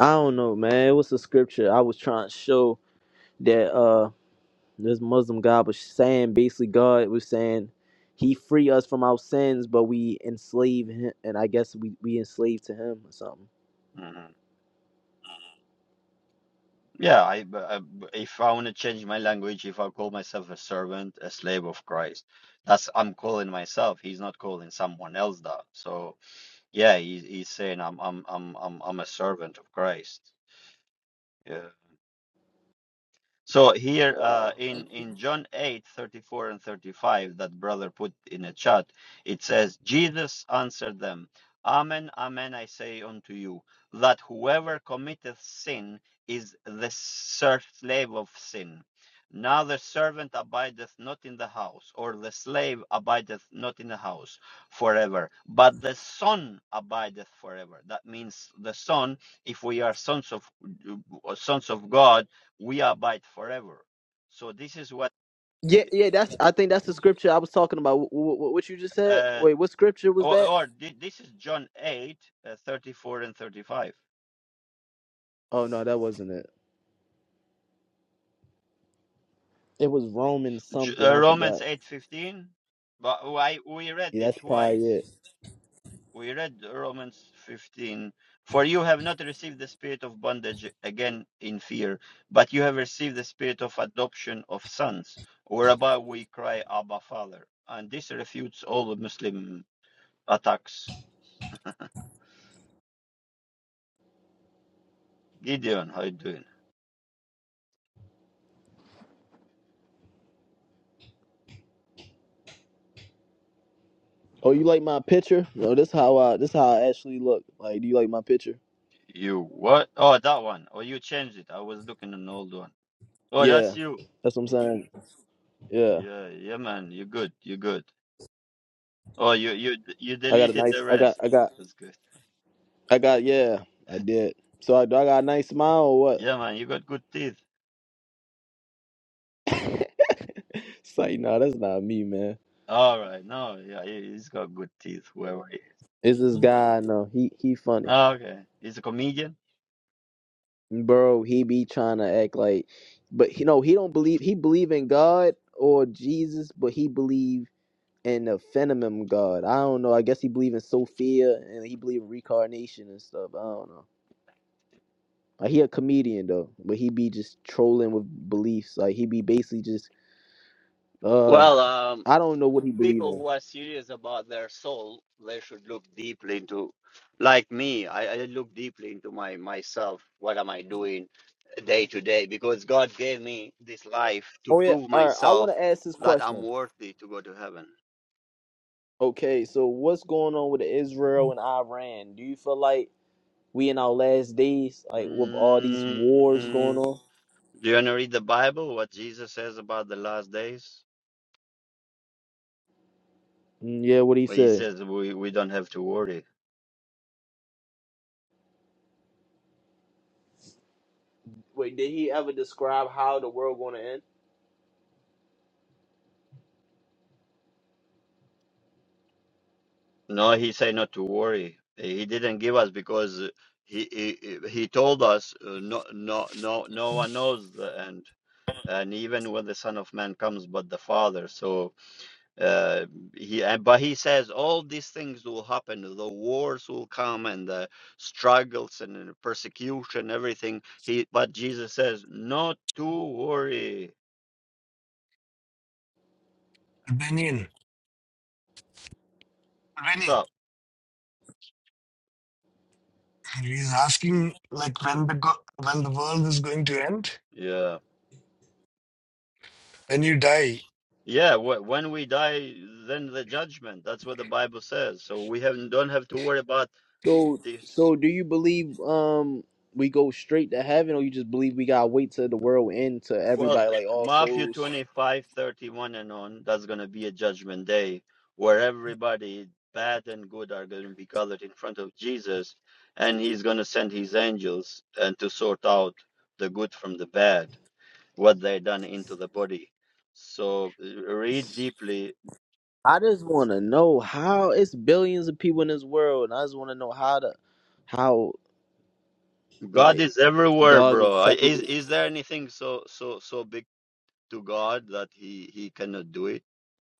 S2: I don't know, man. It was the scripture I was trying to show that uh this Muslim guy was saying basically God was saying he free us from our sins, but we enslave him, and I guess we we enslaved to him or something.
S1: mhm. yeah I, b- I b- if i want to change my language if i call myself a servant a slave of christ that's i'm calling myself he's not calling someone else that so yeah he's, he's saying i'm i'm i'm i'm, I'm a servant of christ yeah So here uh,
S2: Wow.
S1: in in John 8 34 and 35 that brother put in a chat, it says, Jesus answered them, Amen, amen, I say unto you, that whoever committeth sin is the ser- slave of sin. Now the servant abideth not in the house, or the slave abideth not in the house forever, but the son abideth forever. That means the son, if we are sons of sons of God, we abide forever. So this is what,
S2: Yeah, yeah. That's. I think that's the scripture I was talking about. What, what you just said?
S1: uh,
S2: Wait, what scripture was
S1: or,
S2: that?
S1: or thi- this is John 8, uh, 34 and 35.
S2: Oh no, that wasn't it. It was Romans
S1: J-
S2: something.
S1: uh,
S2: I
S1: Romans
S2: forgot.
S1: 8 15. but why, we read
S2: Yeah,
S1: it
S2: that's probably
S1: twice.
S2: it.
S1: We read Romans 15. For you have not received the spirit of bondage again in fear, but you have received the spirit of adoption of sons, whereby we cry, Abba, Father. And this refutes all the Muslim attacks. Gideon, how you doing?
S2: Oh, you like my picture? No, this how I. This how I actually look. Like, do you like my picture?
S1: You what? Oh, that one. Oh, you changed it. I was looking at an old one. Oh,
S2: Yeah,
S1: that's you.
S2: that's what I'm saying. Yeah,
S1: Yeah, yeah, man. You're good. You're good. Oh, you you d- you
S2: I got a
S1: deleted
S2: nice.
S1: the
S2: I got.
S1: rest.
S2: I got.
S1: That's good.
S2: I got. Yeah, I did. So I, do I got a nice smile or what?
S1: Yeah, man. You got good teeth.
S2: It's like, no, that's not me, man.
S1: All right. No, yeah, he- he's got good teeth. Whoever. He...
S2: It's this guy. No, he he funny.
S1: Oh, Okay. He's a comedian.
S2: bro he be trying to act like but you know he don't believe he believe in god or jesus but he believe in the phenomenon god i don't know i guess he believe in sophia and he believe in reincarnation and stuff i don't know like, he a comedian though but he be just trolling with beliefs like he be basically just uh
S1: Well, um.
S2: i don't know what he believe
S1: people
S2: in
S1: who are serious about their soul, they should look deeply into, like me, I, I look deeply into my myself. What am I doing day to day? Because God gave me this life to
S2: oh yeah
S1: prove
S2: all right i want
S1: myself
S2: to ask this
S1: that I'm
S2: question
S1: worthy to go to heaven.
S2: okay so what's going on with israel and iran do you feel like we in our last days, like with all these wars going
S1: Mm,
S2: on.
S1: do you want to read the Bible? What Jesus says about the last days?
S2: Mm, Yeah, what he
S1: Well, he
S2: said.
S1: says we, we don't have to worry.
S2: Wait, did he ever describe how the world going to end?
S1: No, he said not to worry. Eh, He didn't give us because uh, he he, he told us uh, no no no no one knows the end, and even when the Son of Man comes, but the Father. So uh, he and- but he says all these things will happen. The wars will come and the struggles and the persecution, everything. He but Jesus says not to worry.
S3: Albanian.
S1: What's
S3: Albanian.
S1: up?
S3: He's asking like when the go- when the world is going to end.
S1: Yeah.
S3: When you die,
S1: Yeah, wh- when we die, then the judgment. That's what the Bible says. So we have don't have to worry about
S2: So,
S1: this.
S2: so do you believe um we go straight to heaven, or you just believe we gotta wait till the world end to
S1: Well,
S2: everybody,
S1: uh,
S2: like all
S1: Matthew
S2: souls?
S1: 25 31 and on, that's going to be a judgment day where everybody, bad and good, are going to be gathered in front of Jesus, and he's going to send his angels and to sort out the good from the bad, what they done into the body. So uh, read deeply.
S2: I just want to know how it's billions of people in this world, and I just want to know how to how
S1: God
S2: like
S1: is everywhere,
S2: God gonna
S1: bro. I- Is
S2: separate
S1: is there anything so so so big? to God that he he cannot do it.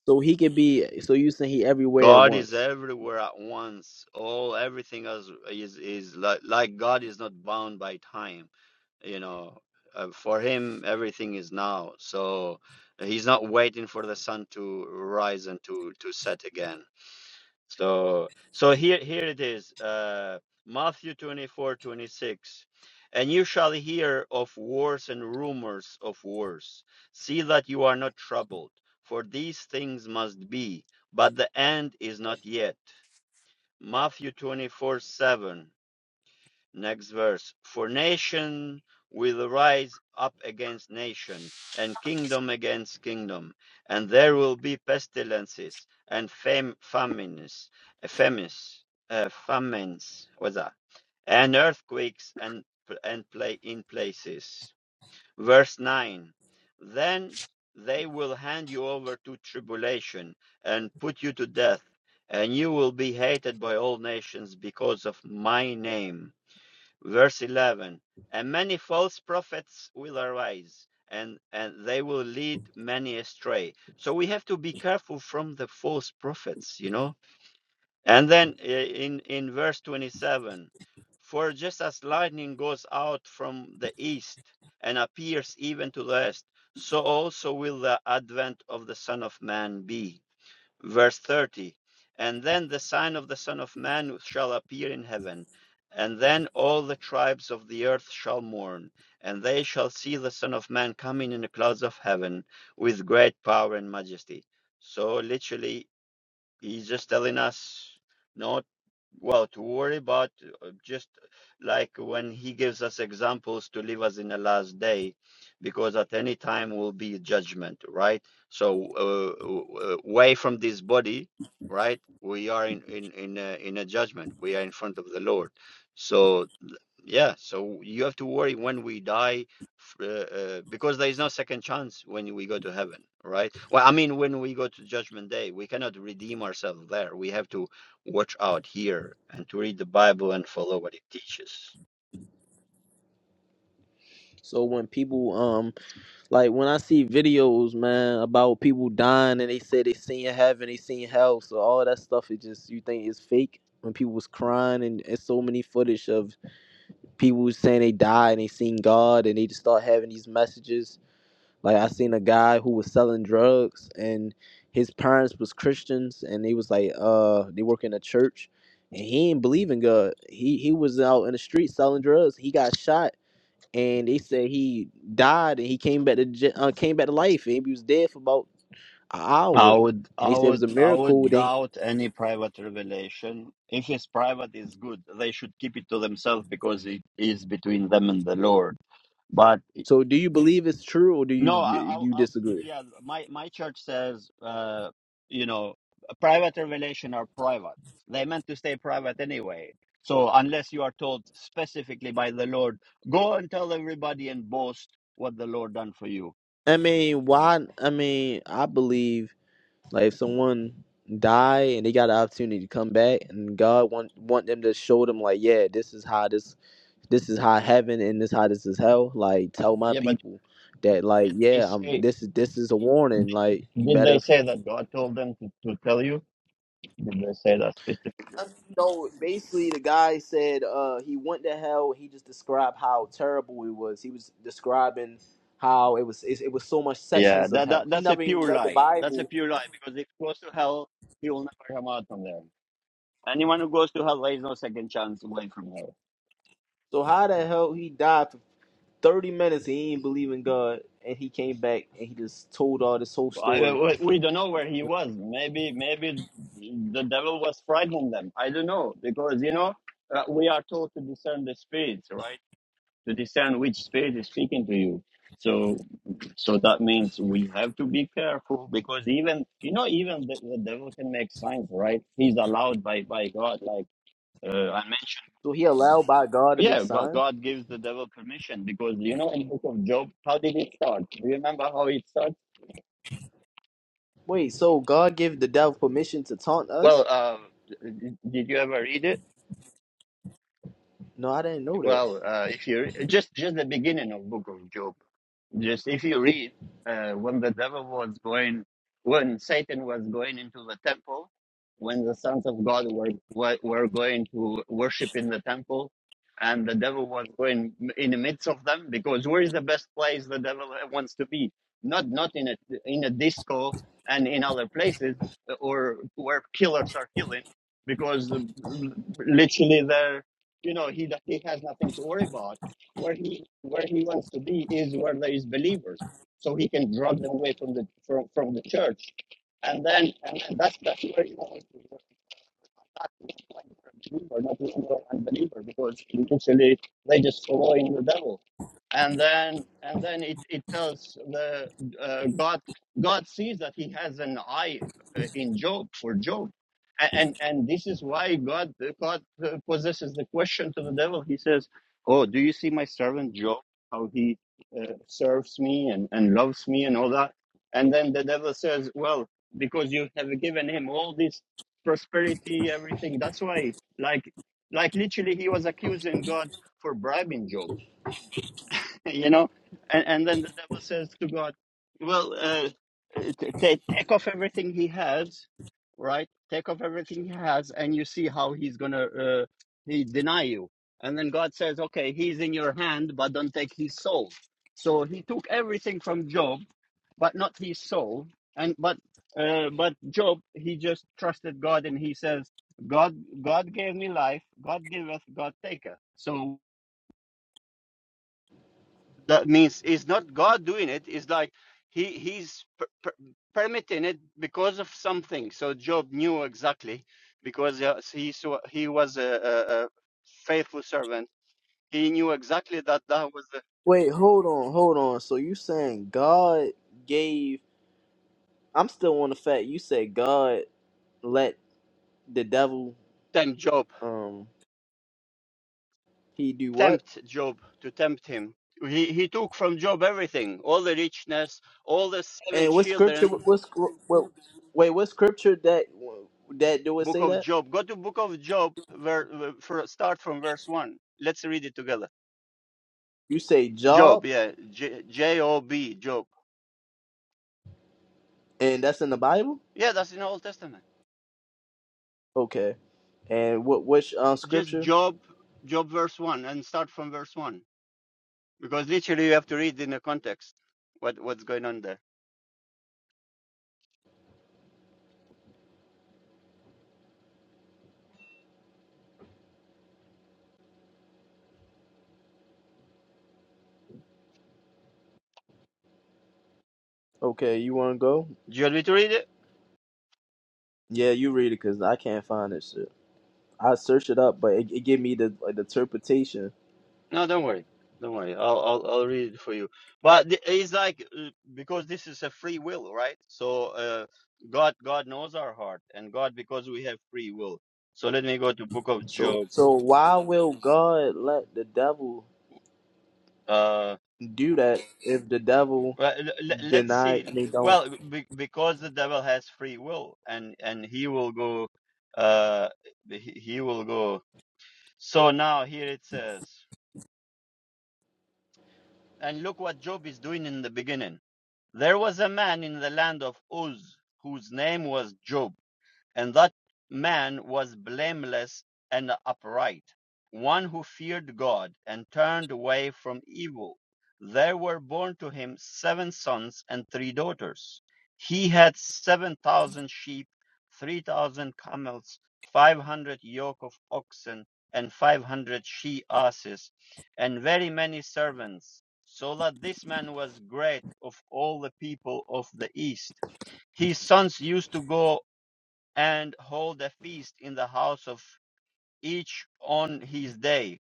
S2: so he could be. So you saying he everywhere at
S1: God is
S2: once?
S1: everywhere at once. All everything is is, is like, like God is not bound by time. You know, uh, for him everything is now. So he's not waiting for the sun to rise and to to set again. So so here here it is. Uh Matthew 24 26, And you shall hear of wars and rumors of wars. See that you are not troubled, for these things must be, but the end is not yet. Matthew 24, 7. Next verse. For nation will rise up against nation, and kingdom against kingdom, and there will be pestilences and fam- famines, uh, famines, uh, famines, what's that? And earthquakes and and play in places. Verse nine. Then they will hand you over to tribulation and put you to death, and you will be hated by all nations because of my name Verse 11 And many false prophets will arise, and, and they will lead many astray. So we have to be careful from the false prophets, you know. And then uh, in, in verse 27 For just as lightning goes out from the east and appears even to the west, so also will the advent of the Son of Man be verse 30 and then the sign of the son of man shall appear in heaven and then all the tribes of the earth shall mourn and they shall see the son of man coming in the clouds of heaven with great power and majesty so literally He's just telling us not well to worry, but uh, just like when he gives us examples to leave us in the last day, because at any time will be judgment, right? So uh, w- w- away from this body, right? We are in in in a, in a judgment. We are in front of the Lord. So yeah, so you have to worry when we die, f- uh, uh, because there is no second chance when we go to heaven, right? Well, I mean, when we go to Judgment Day, we cannot redeem ourselves there. We have to watch out here and to read the Bible and follow what it teaches.
S2: So when people um Like when I see videos, man, about people dying and they say they seen heaven, they seen hell, so all that stuff is just you think is fake. When people was crying and, and so many footage of people was saying they died and they seen God and they just start having these messages. Like I seen a guy who was selling drugs and his parents was Christians and they was like uh they work in a church and he didn't believe in God. He he was out in the street selling drugs. He got shot and they said he died and he came back to j- uh, came back to life and he was dead for about an
S1: I
S2: hour
S1: would,
S2: and they
S1: I
S2: said it was
S1: would,
S2: a
S1: I
S2: miracle
S1: would
S2: they
S1: doubt any private revelation. If it's private, it's good. They should keep it to themselves because it is between them and the Lord.
S2: so do you believe it's true or do you
S1: No, I,
S2: you,
S1: I,
S2: you
S1: I
S2: disagree
S1: yeah, my my church says, uh, you know, private revelation are private. They meant to stay private anyway. So unless you are told specifically by the Lord, go and tell everybody and boast what the Lord done for you.
S2: i mean why i mean i believe like if someone die and they got an opportunity to come back and god want want them to show them like yeah this is how this this is how heaven and this how this is hell like tell my
S1: Yeah, but
S2: people that like
S1: did they
S2: yeah um
S1: say?
S2: this is this is a warning like you
S1: Did they
S2: better
S1: say that God told them to, to tell you? Did they say that specifically?
S2: No, basically the guy said uh, he went to hell. He just described how terrible it was. He was describing how it was. It, it was so much
S1: Yeah,
S2: sections of
S1: that,
S2: hell.
S1: that
S2: He
S1: that's a
S2: never even
S1: pure
S2: read the
S1: lie. That's a
S2: Bible.
S1: pure lie because if he goes to hell, he will never come out from there. Anyone who goes to hell, there is no second chance away from hell.
S2: So how the hell he died for thirty minutes? He didn't believe in God, and he came back and he just told all this whole
S1: I, uh,
S2: story.
S1: we we don't know where he was. Maybe, maybe the devil was frightening them. I don't know because you know uh, we are told to discern the spirits, right? To discern which spirit is speaking to you. So, so that means we have to be careful because even you know even the, the devil can make signs, right? He's allowed by by God, like uh, I mentioned.
S2: So he allowed by God to make
S1: Yeah, God,
S2: signs.
S1: God gives the devil permission because you know in book of Job, how did it start? Do you remember how it starts?
S2: Wait, so God gave the devil permission to taunt us?
S1: Well, um, d- did you ever read it?
S2: No, I didn't know that.
S1: Well, uh, if you just just the beginning of Book of Job, just if you read uh, when the devil was going, when Satan was going into the temple, when the sons of God were were were going to worship in the temple, and the devil was going in the midst of them because where is the best place the devil uh, wants to be? Not not in a in a disco and in other places uh, or where killers are killing, because uh, literally there you know he that he has nothing to worry about where he where he wants to be is where there is believers so he can drag them away from the from, from the church and then and then that's that's where he wants to know, not looking like a believer, not looking like an unbeliever, because usually they just following the devil. And then, and then it, it tells the uh, God God sees that He has an eye uh, in Job for Job, A- and and this is why God God uh, possesses the question to the devil. He says, "Oh, do you see my servant Job? How he uh, serves me and and loves me and all that." And then the devil says, "Well, because you have given him all these prosperity, everything. That's why, like, like literally, he was accusing God for bribing Job, you know. And and then the devil says to God, "Well, uh, t- t- take off everything he has, right? Take off everything he has, and you see how he's gonna uh, he deny you." And then God says, "Okay, he's in your hand, but don't take his soul." So he took everything from Job but not his soul. And but uh, but Job, he just trusted God, and he says, "God, God gave me life. God giveth, God taketh." So that means it's not God doing it. It's like he he's per- per- permitting it because of something. So Job knew exactly because uh, he saw, he was a, a, a faithful servant. He knew exactly that that was the
S2: Wait, hold on, hold on. So you saying God gave? I'm still on the fact you said God let the devil
S1: time Job
S2: um he do what?
S1: tempt Job to tempt him. He, he took from Job everything, all the richness, all the seven
S2: And what scripture?
S1: children.
S2: What, scr- what wait? What scripture that that do it
S1: Book
S2: say
S1: of
S2: that?
S1: Job. Go to Book of Job. Where, where- for, start from verse one. Let's read it together.
S2: You say Job,
S1: Job. Yeah. J J O B. Job.
S2: and that's in the Bible.
S1: Yeah, that's in the Old Testament.
S2: Okay. And what which um
S1: Just
S2: scripture?
S1: Job. Job verse one, and start from verse one because literally you have to read in the context what what's going on there.
S2: Okay, you want to go?
S1: Do you want me to read it?
S2: Yeah, you read it because I can't find this shit. I search it up, but it, it give me the, like, the interpretation.
S1: No, don't worry. Don't worry. I'll I'll I'll read it for you. But th- it's like uh, because this is a free will, right? So uh, God God knows our heart, and God because we have free will. So let me go to Book of
S2: So
S1: Job.
S2: so why will God let the devil
S1: Uh,
S2: do that if the devil
S1: well, l- l- let's
S2: deny?
S1: see.
S2: They don't.
S1: Well, be- because the devil has free will, and and he will go. Uh, he he will go. So now here it says, and look what Job is doing in the beginning. There was a man in the land of Uz, whose name was Job. And that man was blameless and upright, one who feared God and turned away from evil. There were born to him seven sons and three daughters. He had seven thousand sheep, three thousand camels, five hundred yoke of oxen, and five hundred she asses, and very many servants, so that this man was great of all the people of the east his sons used to go and hold a feast in the house of each on his day.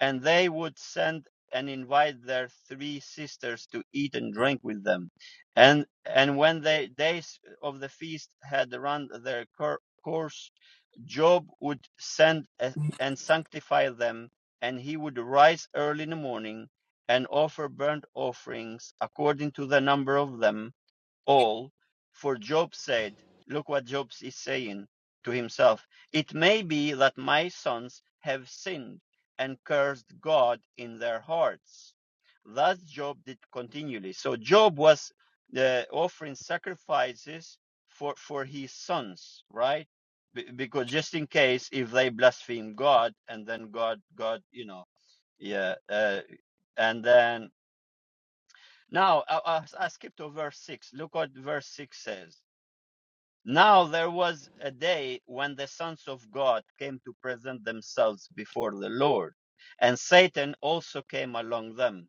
S1: And they would send and invite their three sisters to eat and drink with them. And and when the days of the feast had run their cour- course, Job would send a, and sanctify them, and he would rise early in the morning and offer burnt offerings according to the number of them all, for Job said, look what Job is saying to himself. It may be that my sons have sinned and cursed God in their hearts. Thus Job did continually. So Job was uh, offering sacrifices for, for his sons, right? Be- because just in case if they blaspheme God and then God, God, you know, yeah, uh, and then now I, I, I skipped to verse six. Look what verse six says. Now there was a day when the sons of God came to present themselves before the Lord, and Satan also came along them.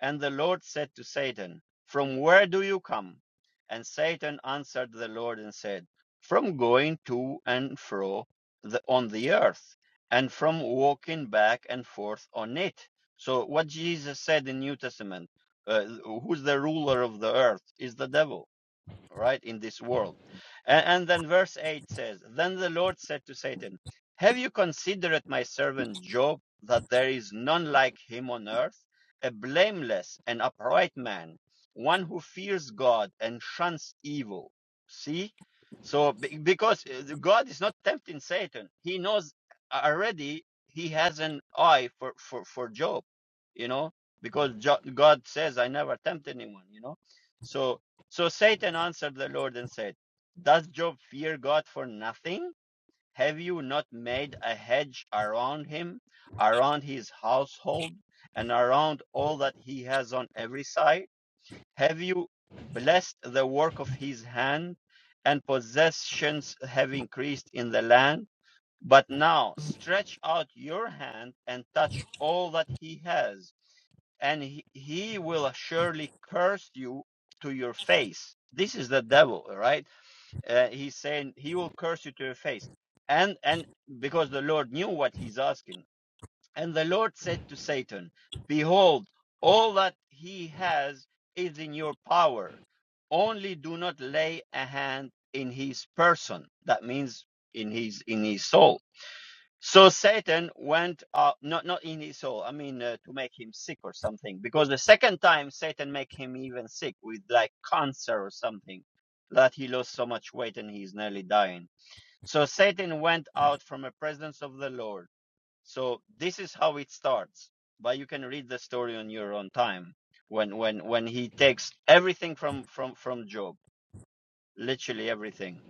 S1: And the Lord said to Satan, From where do you come? And Satan answered the Lord and said, From going to and fro the, on the earth, and from walking back and forth on it. So, what Jesus said in New Testament, uh, who's the ruler of the earth, is the devil right, in this world. And, and then verse 8 says, Then the Lord said to Satan, Have you considered my servant Job, that there is none like him on earth, a blameless and upright man, one who fears God and shuns evil? See? So, because uh, God is not tempting Satan, he knows already he has an eye for, for, for Job, you know, because Jo- God says, I never tempt anyone, you know. So, so Satan answered the Lord and said, Does Job fear God for nothing? Have you not made a hedge around him, around his household, and around all that he has on every side? Have you blessed the work of his hand, and possessions have increased in the land? But now stretch out your hand and touch all that he has and he, he will surely curse you to your face. This is the devil, right? Uh, he's saying he will curse you to your face. And and because the Lord knew what he's asking. And the Lord said to Satan, Behold, all that he has is in your power. Only do not lay a hand in his person. That means in his in his soul so Satan went up, not not in his soul. I mean, uh, to make him sick or something. Because the second time Satan make him even sick with like cancer or something, that he lost so much weight and he's nearly dying. So Satan went out from the presence of the Lord. So this is how it starts. But you can read the story on your own time. When when when he takes everything from from from Job, literally everything.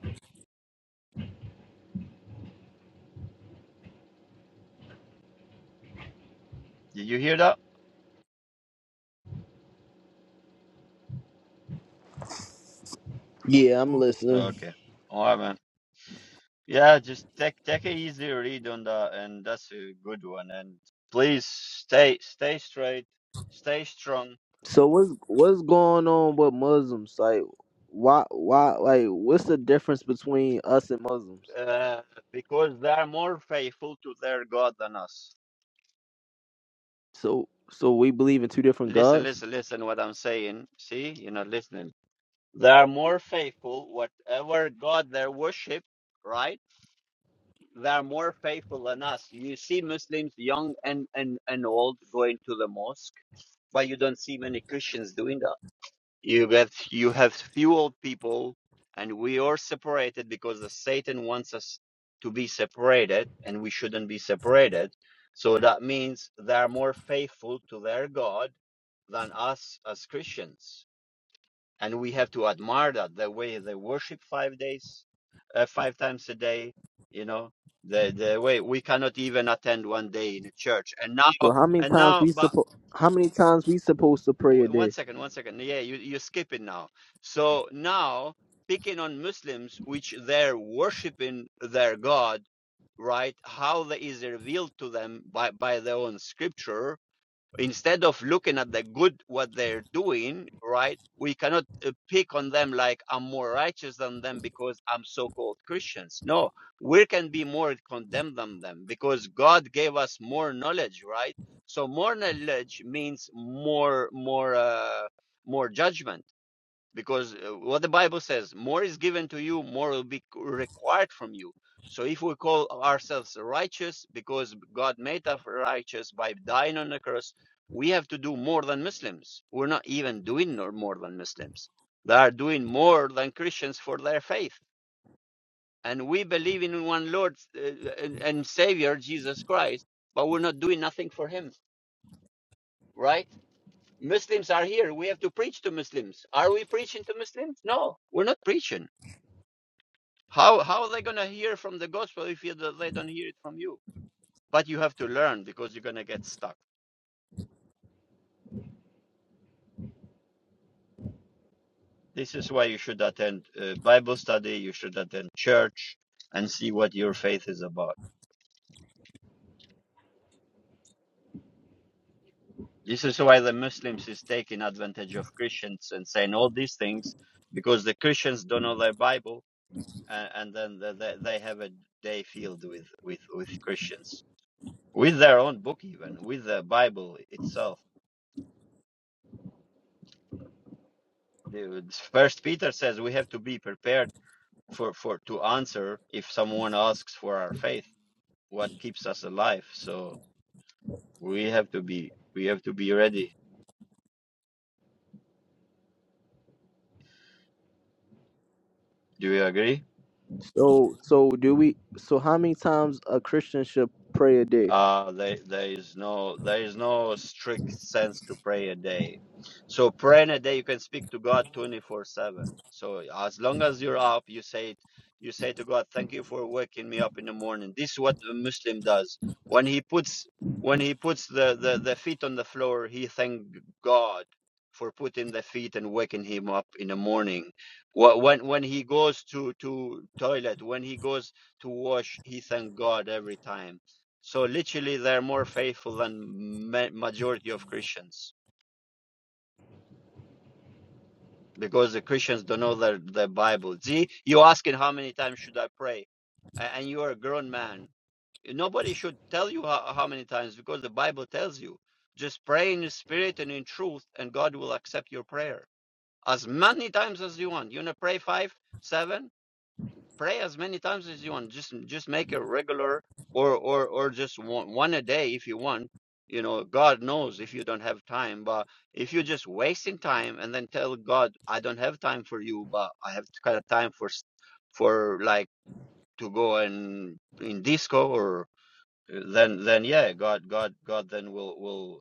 S1: Did you hear that?
S2: Yeah, I'm listening.
S1: Okay. All right, man. Yeah, just take take a easy read on that, and that's a good one. And please stay stay straight, stay strong,
S2: So what's what's going on with Muslims? Like, why why like what's the difference between us and Muslims?
S1: uh, because they are more faithful to their God than us.
S2: So so we believe in two different
S1: Listen,
S2: gods.
S1: listen, listen. What I'm saying. See, you're not listening. They are more faithful. Whatever God they worship, right? They are more faithful than us. You see Muslims, young and and and old, going to the mosque, but you don't see many Christians doing that. You get you have fueled people, and we are separated because the Satan wants us to be separated, and we shouldn't be separated. So that means they are more faithful to their God than us as Christians, and we have to admire that the way they worship five days, uh, five times a day. You know the the way we cannot even attend one day in a church, and now
S2: So how many
S1: and
S2: times
S1: now,
S2: we
S1: but
S2: suppo- how many times we supposed to pray
S1: Oh,
S2: a
S1: One
S2: day?
S1: second, one second. Yeah, you, you skip it now. So now, picking on Muslims, which they're worshiping their God, right? How that is revealed to them by, by their own scripture, instead of looking at the good what they're doing right we cannot uh, pick on them like i'm more righteous than them because i'm so-called christians no we can be more condemned than them because god gave us more knowledge right so more knowledge means more more uh, more judgment because uh, what the bible says more is given to you more will be required from you so if we call ourselves righteous because god made us righteous by dying on the cross we have to do more than muslims we're not even doing no- more than muslims they are doing more than christians for their faith and we believe in one lord uh, and, and savior jesus christ but we're not doing nothing for him right muslims are here we have to preach to muslims are we preaching to muslims no we're not preaching How how are they gonna hear from the gospel if you, they don't hear it from you? But you have to learn because you're gonna get stuck. This is why you should attend uh, Bible study. You should attend church and see what your faith is about. This is why the Muslims is taking advantage of Christians and saying all these things because the Christians don't know their Bible and, and then they, they they have a day filled with, with, with Christians with their own book even with the Bible itself. The- First Peter says we have to be prepared for for to answer if someone asks for our faith what keeps us alive so we have to be we have to be ready do you agree
S2: So so do we? So how many times a Christian should pray a day?
S1: uh there, there is no there is no strict sense to pray a day so praying a day you can speak to god 24 7 so as long as you're up you say it you say to god thank you for waking me up in the morning this is what a muslim does when he puts when he puts the the, the feet on the floor he thank god for putting the feet and waking him up in the morning Wh- when when he goes to to toilet when he goes to wash he thank god every time so literally, they're more faithful than ma- majority of Christians because the Christians don't know their their Bible. See, you asking how many times should I pray, A- and you are a grown man. Nobody should tell you how, how many times because the Bible tells you. Just pray in the spirit and in truth, and God will accept your prayer as many times as you want. You wanna pray five, seven? pray as many times as you want just just make it regular or or or just one, one a day if you want you know god knows if you don't have time but if you're just wasting time and then tell god i don't have time for you but i have kind of time for s- for like to go and in disco or then then yeah god god god then will will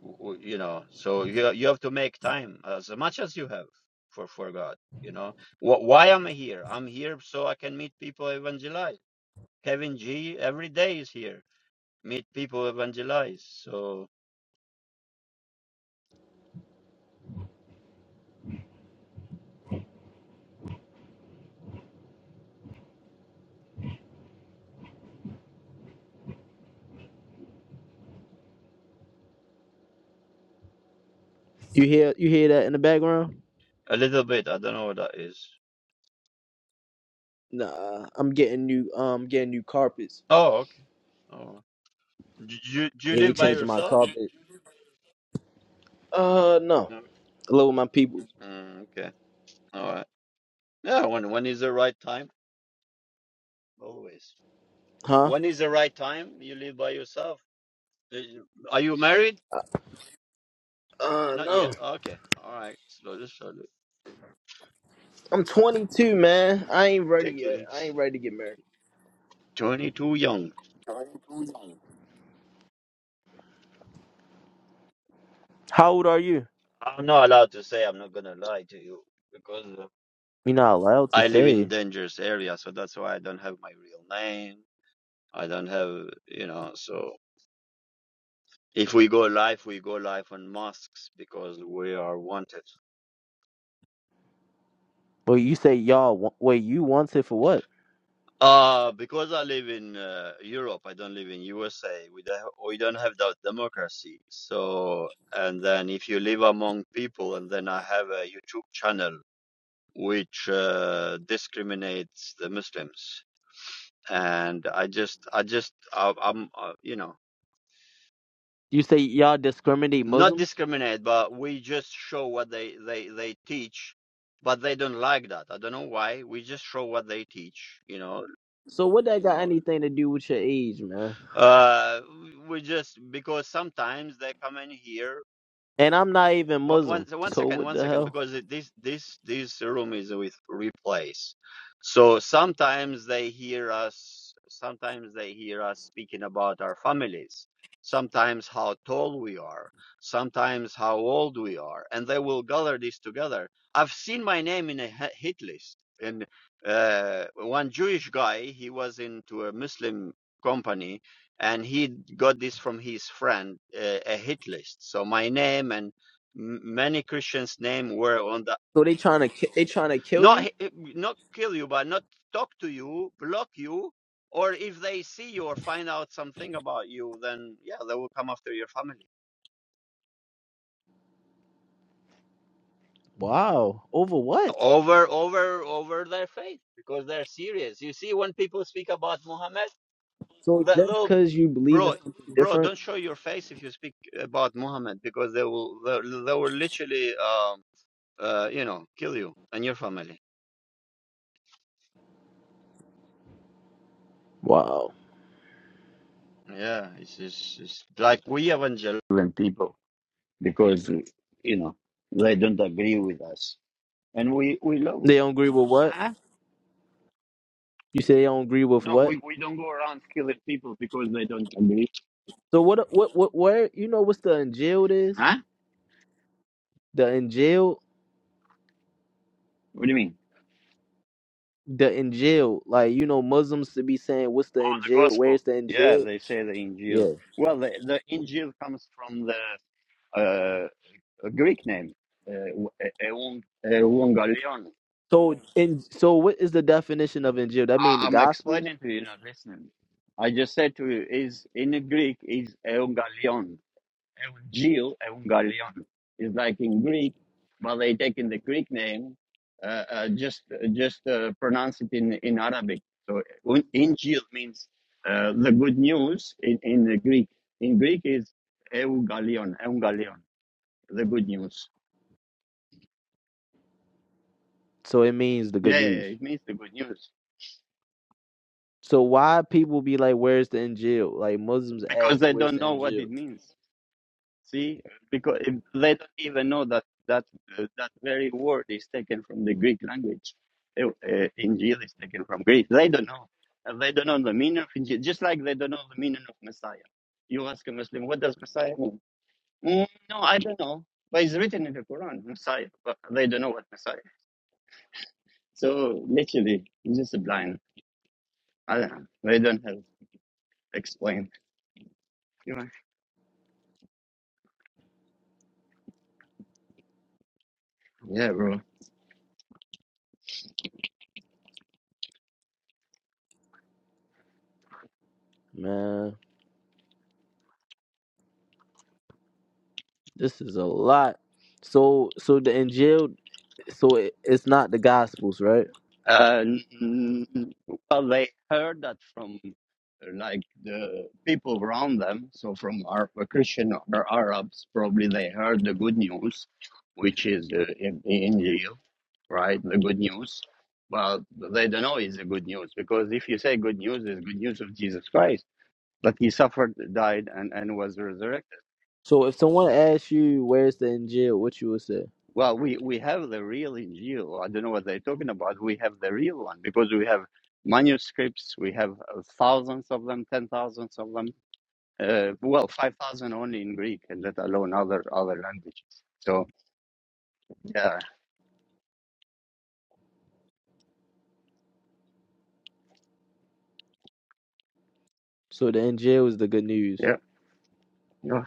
S1: w- w- you know so you you have to make time as much as you have for for god you know Wh- why am i here i'm here so i can meet people evangelize kevin g every day is here meet people evangelize so
S2: You hear you hear that in the background?
S1: a little bit i don't know what that is
S2: Nah, I'm getting new um getting new carpets.
S1: oh okay oh do you, do you
S2: Yeah, they
S1: live by
S2: changing my
S1: yourself
S2: carpet. Uh no,
S1: no
S2: hello my people,
S1: mm, okay all right yeah when when is the right time always
S2: huh?
S1: when is the right time you live by yourself Uh, are you married
S2: Uh
S1: not yet
S2: no.
S1: okay all right slowly slowly
S2: I'm 22, man. I ain't ready
S1: Take it
S2: yet. I ain't
S1: easy.
S2: ready to get married.
S1: 22 young.
S2: How old are you?
S1: I'm not allowed to say. I'm not gonna lie to you because uh,
S2: You're not allowed to
S1: I live in
S2: say.
S1: dangerous area, so that's why I don't have my real name. I don't have, you know. So if we go live, we go live on masks because we are wanted.
S2: Wait, you say y'all. wa- Wait, you wanted for what?
S1: Uh because I live in uh, Europe, I don't live in USA. We don't have, we don't have that democracy. So and then if you live among people, and then I have a YouTube channel. which uh, discriminates the Muslims. And I just, I just, I, I'm, uh, you know,
S2: You say y'all discriminate
S1: not
S2: Muslims?
S1: discriminate, but we just show what they, they, they teach. But they don't like that. I don't know why. We just show what they teach, you know.
S2: So what that got anything to do with your age, man?
S1: Uh, we just because sometimes they come in here
S2: And I'm not even
S1: One,
S2: Muslim.
S1: one so one
S2: So
S1: second,
S2: what
S1: one
S2: the
S1: second,
S2: hell?
S1: because this this this room is with replays, so sometimes they hear us. Sometimes they hear us speaking about our families. Sometimes how tall we are. Sometimes how old we are, and they will gather this together. I've seen my name in a hit list, and uh, one Jewish guy he was into a Muslim company, and he got this from his friend uh, a hit list. So my name and many Christians' name were on the
S2: So they trying to ki- they trying to kill
S1: not
S2: you?
S1: not kill you, but not talk to you, block you, or if they see you or find out something about you, then yeah, they will come after your family
S2: Wow. Over what?
S1: over over over their faith because they're serious. You see, when people speak about Muhammad,
S2: So just
S1: they'll
S2: cause you believe in
S1: bro
S2: something
S1: bro
S2: different?
S1: don't show your face if you speak about Muhammad because they will they, they will literally um uh you know kill you and your family.
S2: Wow.
S1: Yeah, it's, it's, it's like we evangelical people because you know they don't agree with us, and we we love.
S2: They don't agree with what?
S1: Huh?
S2: You say they don't agree with
S1: No,
S2: what?
S1: we, we don't go around killing people because they don't agree.
S2: So what? What? What? Where? You know what's the jail is?
S1: Huh?
S2: The Injil,
S1: What do you mean?
S2: the Injil, like you know, Muslims to be saying, "What's the
S1: Oh, the
S2: Injil?
S1: gospel.
S2: Where's the
S1: Yeah,
S2: Injil?"
S1: they say the Injil.
S2: Yeah.
S1: Well, the, the Injil comes from the uh, a Greek name, uh, Ewan- Evangelion.
S2: So and so, what is the definition of Injil? That means
S1: I-
S2: the
S1: I'm
S2: Gospels.
S1: explaining to you, not listening. I just said to you, is in Greek is Evangelion It was Gil and It's like in Greek, but they taken the Greek name, uh, uh, just just uh, pronounce it in, in Arabic. So un- Injil means uh, the good news in, in the Greek. In Greek is Eugalion, Eugalion, the good news.
S2: So it means the good
S1: Yeah, yeah, yeah,
S2: news.
S1: it means the good news
S2: So why people be like, "Where's the Injil?" Like Muslims
S1: because
S2: ask,
S1: they
S2: "Where's
S1: don't
S2: the
S1: know what
S2: Injil?"
S1: it means. See, because if they don't even know that that uh, that very word is taken from the Greek language. Uh, uh, Injil is taken from Greek. They don't know. And they don't know the meaning of Injil, just like they don't know the meaning of Messiah. You ask a Muslim, what does Messiah mean? "Mm, no, I don't know. But it's written in the Quran, Messiah. But they don't know what Messiah. is. So literally, it's just a blind. I don't know. They don't have explain. You know? Yeah, bro.
S2: Man, this is a lot. So so the Injil, so it, it's not the Gospels, right?
S1: And well, they heard that from uh, like the people around them. So from our Christian or Arabs, probably they heard the good news, which is the in Injil, right? The good news. Well, they don't know it's the good news because if you say good news, it's good news of Jesus Christ that he suffered, died, and, and was resurrected.
S2: So if someone asks you, "Where's the Injil?" What you would say?
S1: Well, we, we have the real Injil. I don't know what they're talking about. We have the real one because we have manuscripts. We have uh, thousands of them, ten thousands of them. Uh, well, five thousand only in Greek, and let alone other other languages. So yeah,
S2: So the Injil is the good news.
S1: yeah, yeah.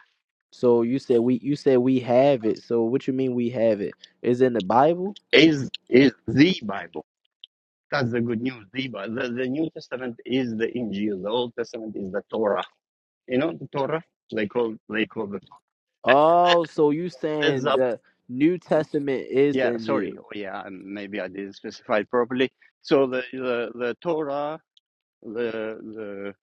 S2: So you said we you said we have it. So what you mean we have it? Is it in the Bible?
S1: Is is the Bible? That's the good news. The Bible. The, the New Testament is the Injil. The Old Testament is the Torah. You know the Torah. They call they call the
S2: Oh, so you saying
S1: Torah.
S2: the New Testament is the
S1: Yeah,
S2: Injil.
S1: sorry. Oh, yeah, and maybe I didn't specify it properly. So the the, the Torah, the the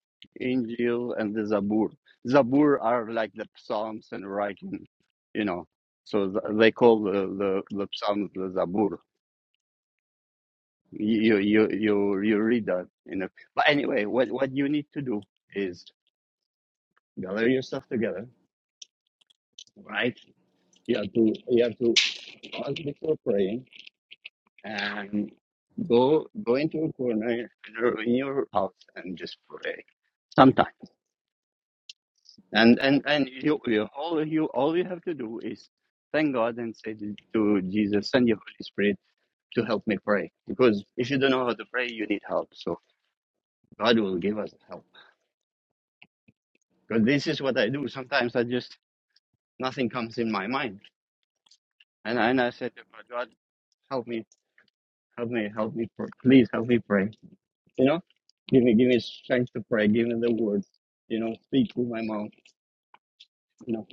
S1: Injil, and the Zabur. Zabur are like the Psalms and writing, you know. So th- they call the, the, the Psalms the Zabur. You you you you read that, you know. But anyway, what what you need to do is gather your stuff together, right? You have to you have to ask before praying and go go into a corner in your house and just pray sometime and and and you, you all you all you have to do is thank god and say to to jesus send your holy spirit to help me pray because if you don't know how to pray you need help so god will give us help because this is what i do sometimes i just nothing comes in my mind and and i said to god god help me help me help me pr- please help me pray You know, give me give me strength to pray. Give me the words. You know, speak through my mouth. You know,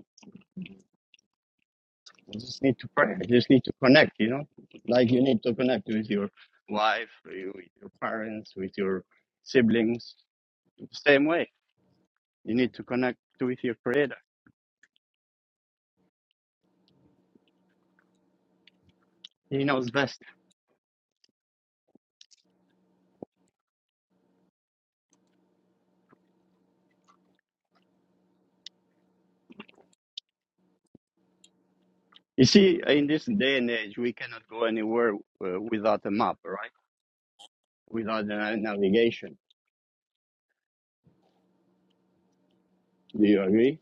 S1: I just need to pray. I just need to connect. You know, like you need to connect with your wife, you- with your parents, with your siblings. Same way, you need to connect with your Creator. He knows best. You see, in this day and age, we cannot go anywhere uh, without a map, right? Without a navigation. Do you agree?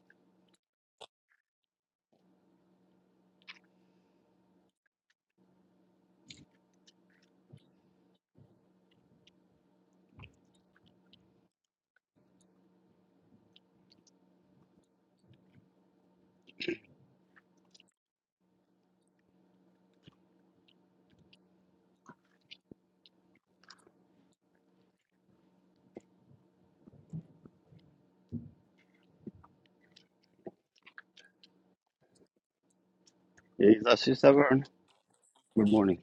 S1: Yes, Sister Vern. Good morning.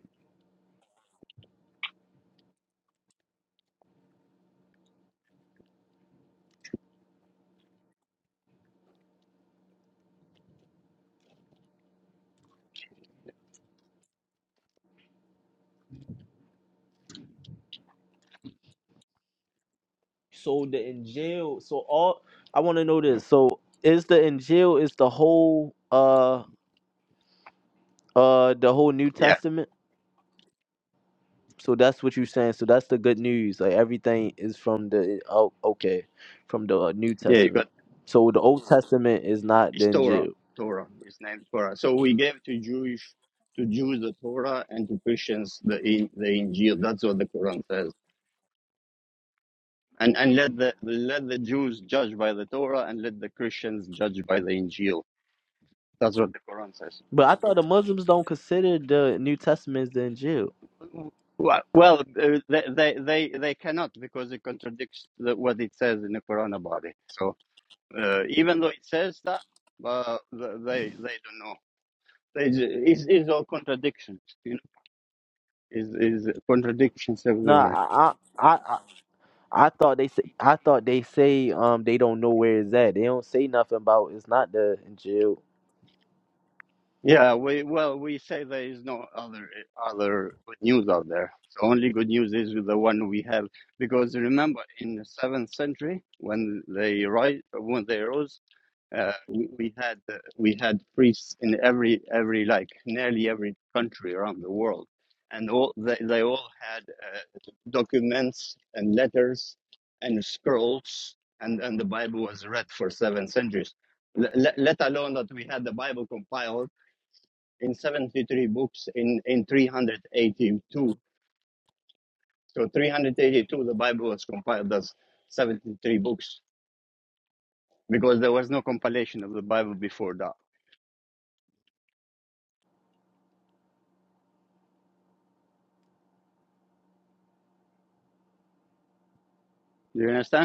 S2: So the Injil, so all I want to know this. So is the Injil is the whole uh uh the whole New
S1: Yeah,
S2: Testament? So that's what you saying. So that's the good news. Like everything is from the oh okay, from the uh, New
S1: yeah, you got
S2: Testament. So the Old Testament is not the
S1: Is
S2: Injil.
S1: Torah. Torah. is named Torah. So we gave to Jewish to Jews the Torah and to Christians the the Injil. That's what the Quran says. And and let the let the Jews judge by the Torah and let the Christians judge by the Injil. That's what the Quran says.
S2: But I thought the Muslims don't consider the New Testament the Injil.
S1: Well, well, uh, they they they they cannot because it contradicts the, what it says in the Quran about it. So uh, even though it says that, but uh, they they don't know. it's, it's all contradictions. you know. is is contradictions
S2: No,
S1: everywhere.
S2: I, I, I, I I thought they, say, I thought they say, um, they don't know where it's at. They don't say nothing about it's not the Injil.
S1: Yeah, we well we say there is no other other good news out there. So only good news is the one we have because remember in the seventh century when they rise when they rose Uh, we, we had uh, we had priests in every every like nearly every country around the world, and all they, they all had uh, documents and letters and scrolls, and and the Bible was read for seven centuries. Let, let let alone that we had the Bible compiled in seventy three books in in three hundred eighty two. So three hundred eighty two, the Bible was compiled as seventy three books because there was no compilation of the Bible before that. Do you understand?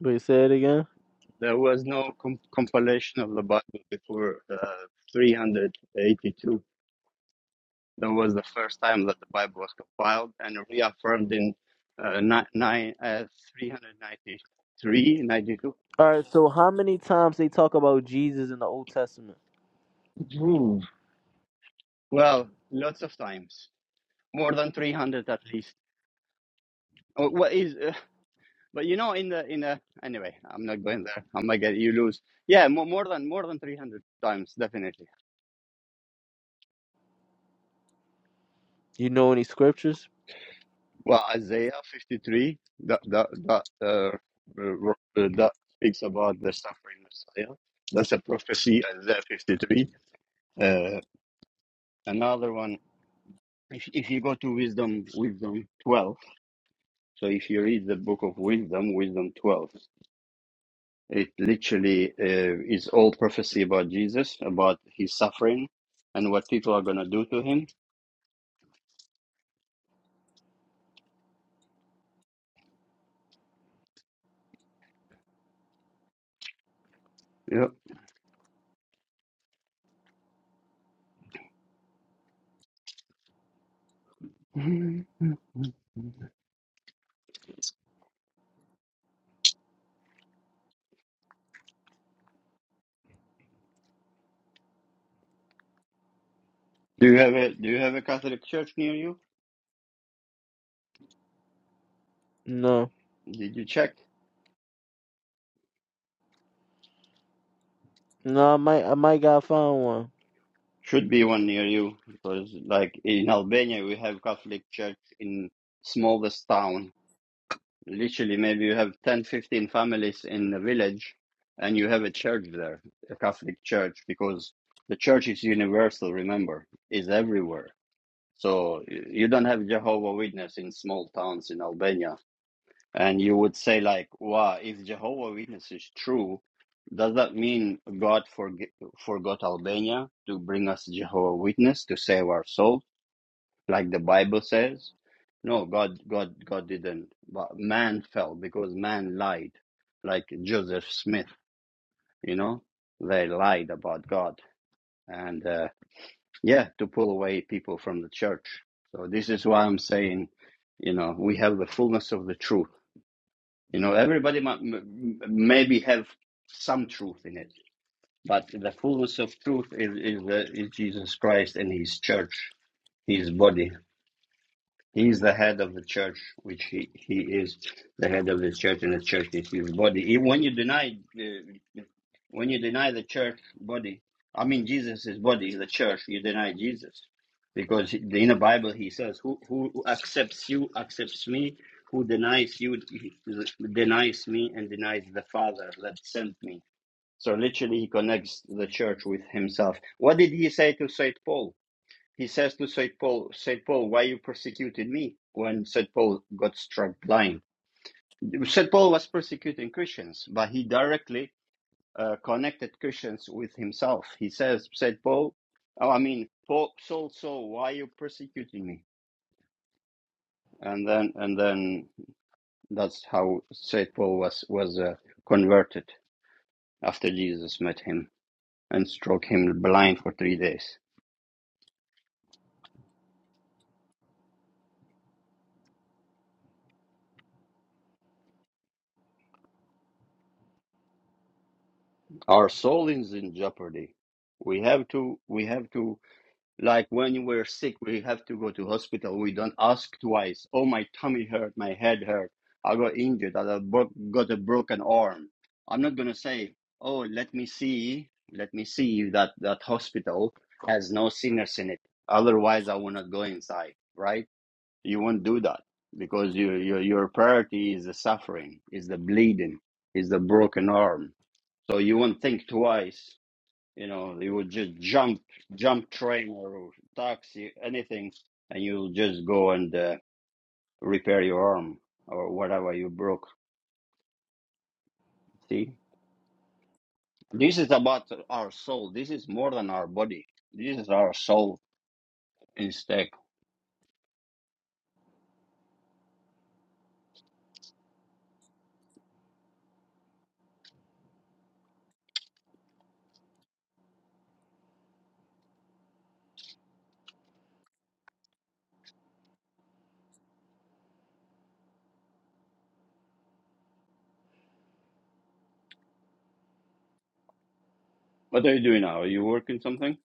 S2: But say it again.
S1: There was no com- compilation of the Bible before uh, 382. That was the first time that the Bible was compiled and reaffirmed in uh, ni- nine, uh, 393, 92.
S2: All right. So how many times they talk about Jesus in the Old Testament?
S1: Ooh. Well, lots of times, more than 300 at least. Oh, What is? Uh, but you know, in the in the anyway, I'm not going there. I'm not get you lose. Yeah, more, more than more than 300 times, definitely
S2: You know any scriptures?
S1: Well, Isaiah 53, that that that uh, uh, that speaks about the suffering Messiah. That's a prophecy, Isaiah 53. Uh, another one, if if you go to Wisdom, Wisdom 12. So if you read the book of Wisdom, Wisdom 12, it literally uh, is all prophecy about Jesus, about his suffering, and what people are gonna do to him. Yeah. Do you have a Do you have a Catholic church near you?
S2: No.
S1: Did you check?
S2: No, I might, I might got find one.
S1: Should be one near you because, like in Albania, we have Catholic church in smallest town. Literally, maybe you have 10, 15 families in the village, and you have a church there, a Catholic church, because the church is universal. Remember, is everywhere. So y- you don't have Jehovah Witness in small towns in Albania. And you would say like, wow, if Jehovah Witness is true, does that mean God forg forgot Albania to bring us Jehovah Witness to save our souls, like the Bible says? No, God, God, God didn't. But man fell because man lied, like Joseph Smith. You know, they lied about God, and uh, yeah, to pull away people from the church. So this is why I'm saying, you know, we have the fullness of the truth you know, everybody mu- m- maybe have some truth in it, but the fullness of truth is is, the, is Jesus Christ and His church, His body. He is the head of the church, which he, he is the head of the church, and the church is his body. E- When you deny uh, when you deny the church body, I mean Jesus' body, the church, you deny Jesus, because in the Bible he says, "Who who accepts you accepts me, who denies you denies me, and denies the Father that sent me." So literally, he connects the church with himself. What did he say to Saint Paul? He says to St. Paul, St. Paul, why you persecuted me when St. Paul got struck blind? St. Paul was persecuting Christians, but he directly uh, connected Christians with himself. He says, St. Paul, oh, I mean, Paul, Saul, Saul, why are you persecuting me? And then, and then that's how St. Paul was, was uh, converted after Jesus met him and struck him blind for three days. Our soul is in jeopardy. We have to, we have to Like when we're sick, we have to go to hospital. We don't ask twice. Oh, my tummy hurt, my head hurt. I got injured. I broke, got a broken arm. I'm not gonna say, oh, let me see, let me see if that that hospital has no sinners in it. Otherwise, I will not go inside. Right? You won't do that because your your your priority is the suffering, is the bleeding, is the broken arm. So you won't think twice you know, you would just jump, jump train or taxi, anything, and you'll just go and uh, repair your arm or whatever you broke. See, this is about our soul. This is more than our body. This is our soul instead. What are you doing now? Are you working something?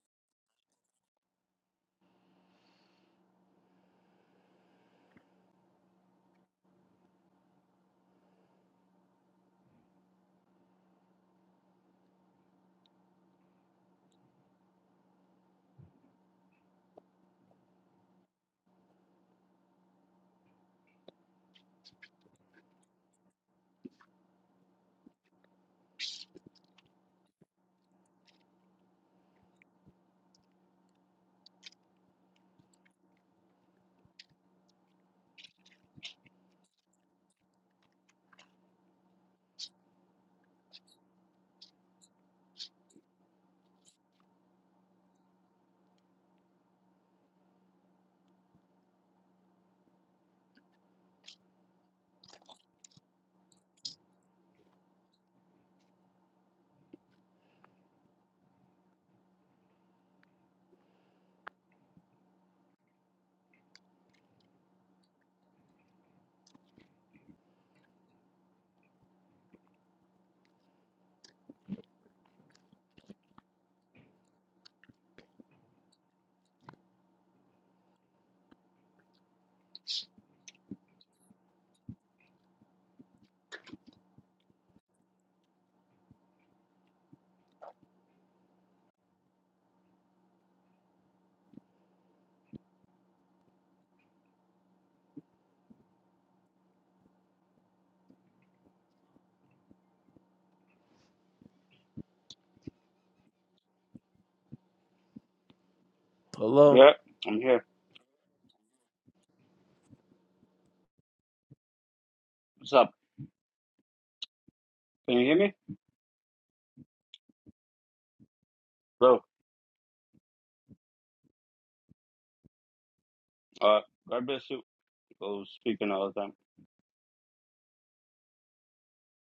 S2: Hello.
S1: Yeah, I'm here. What's up? Can you hear me? Bro, uh, God bless you. Go speaking all the time.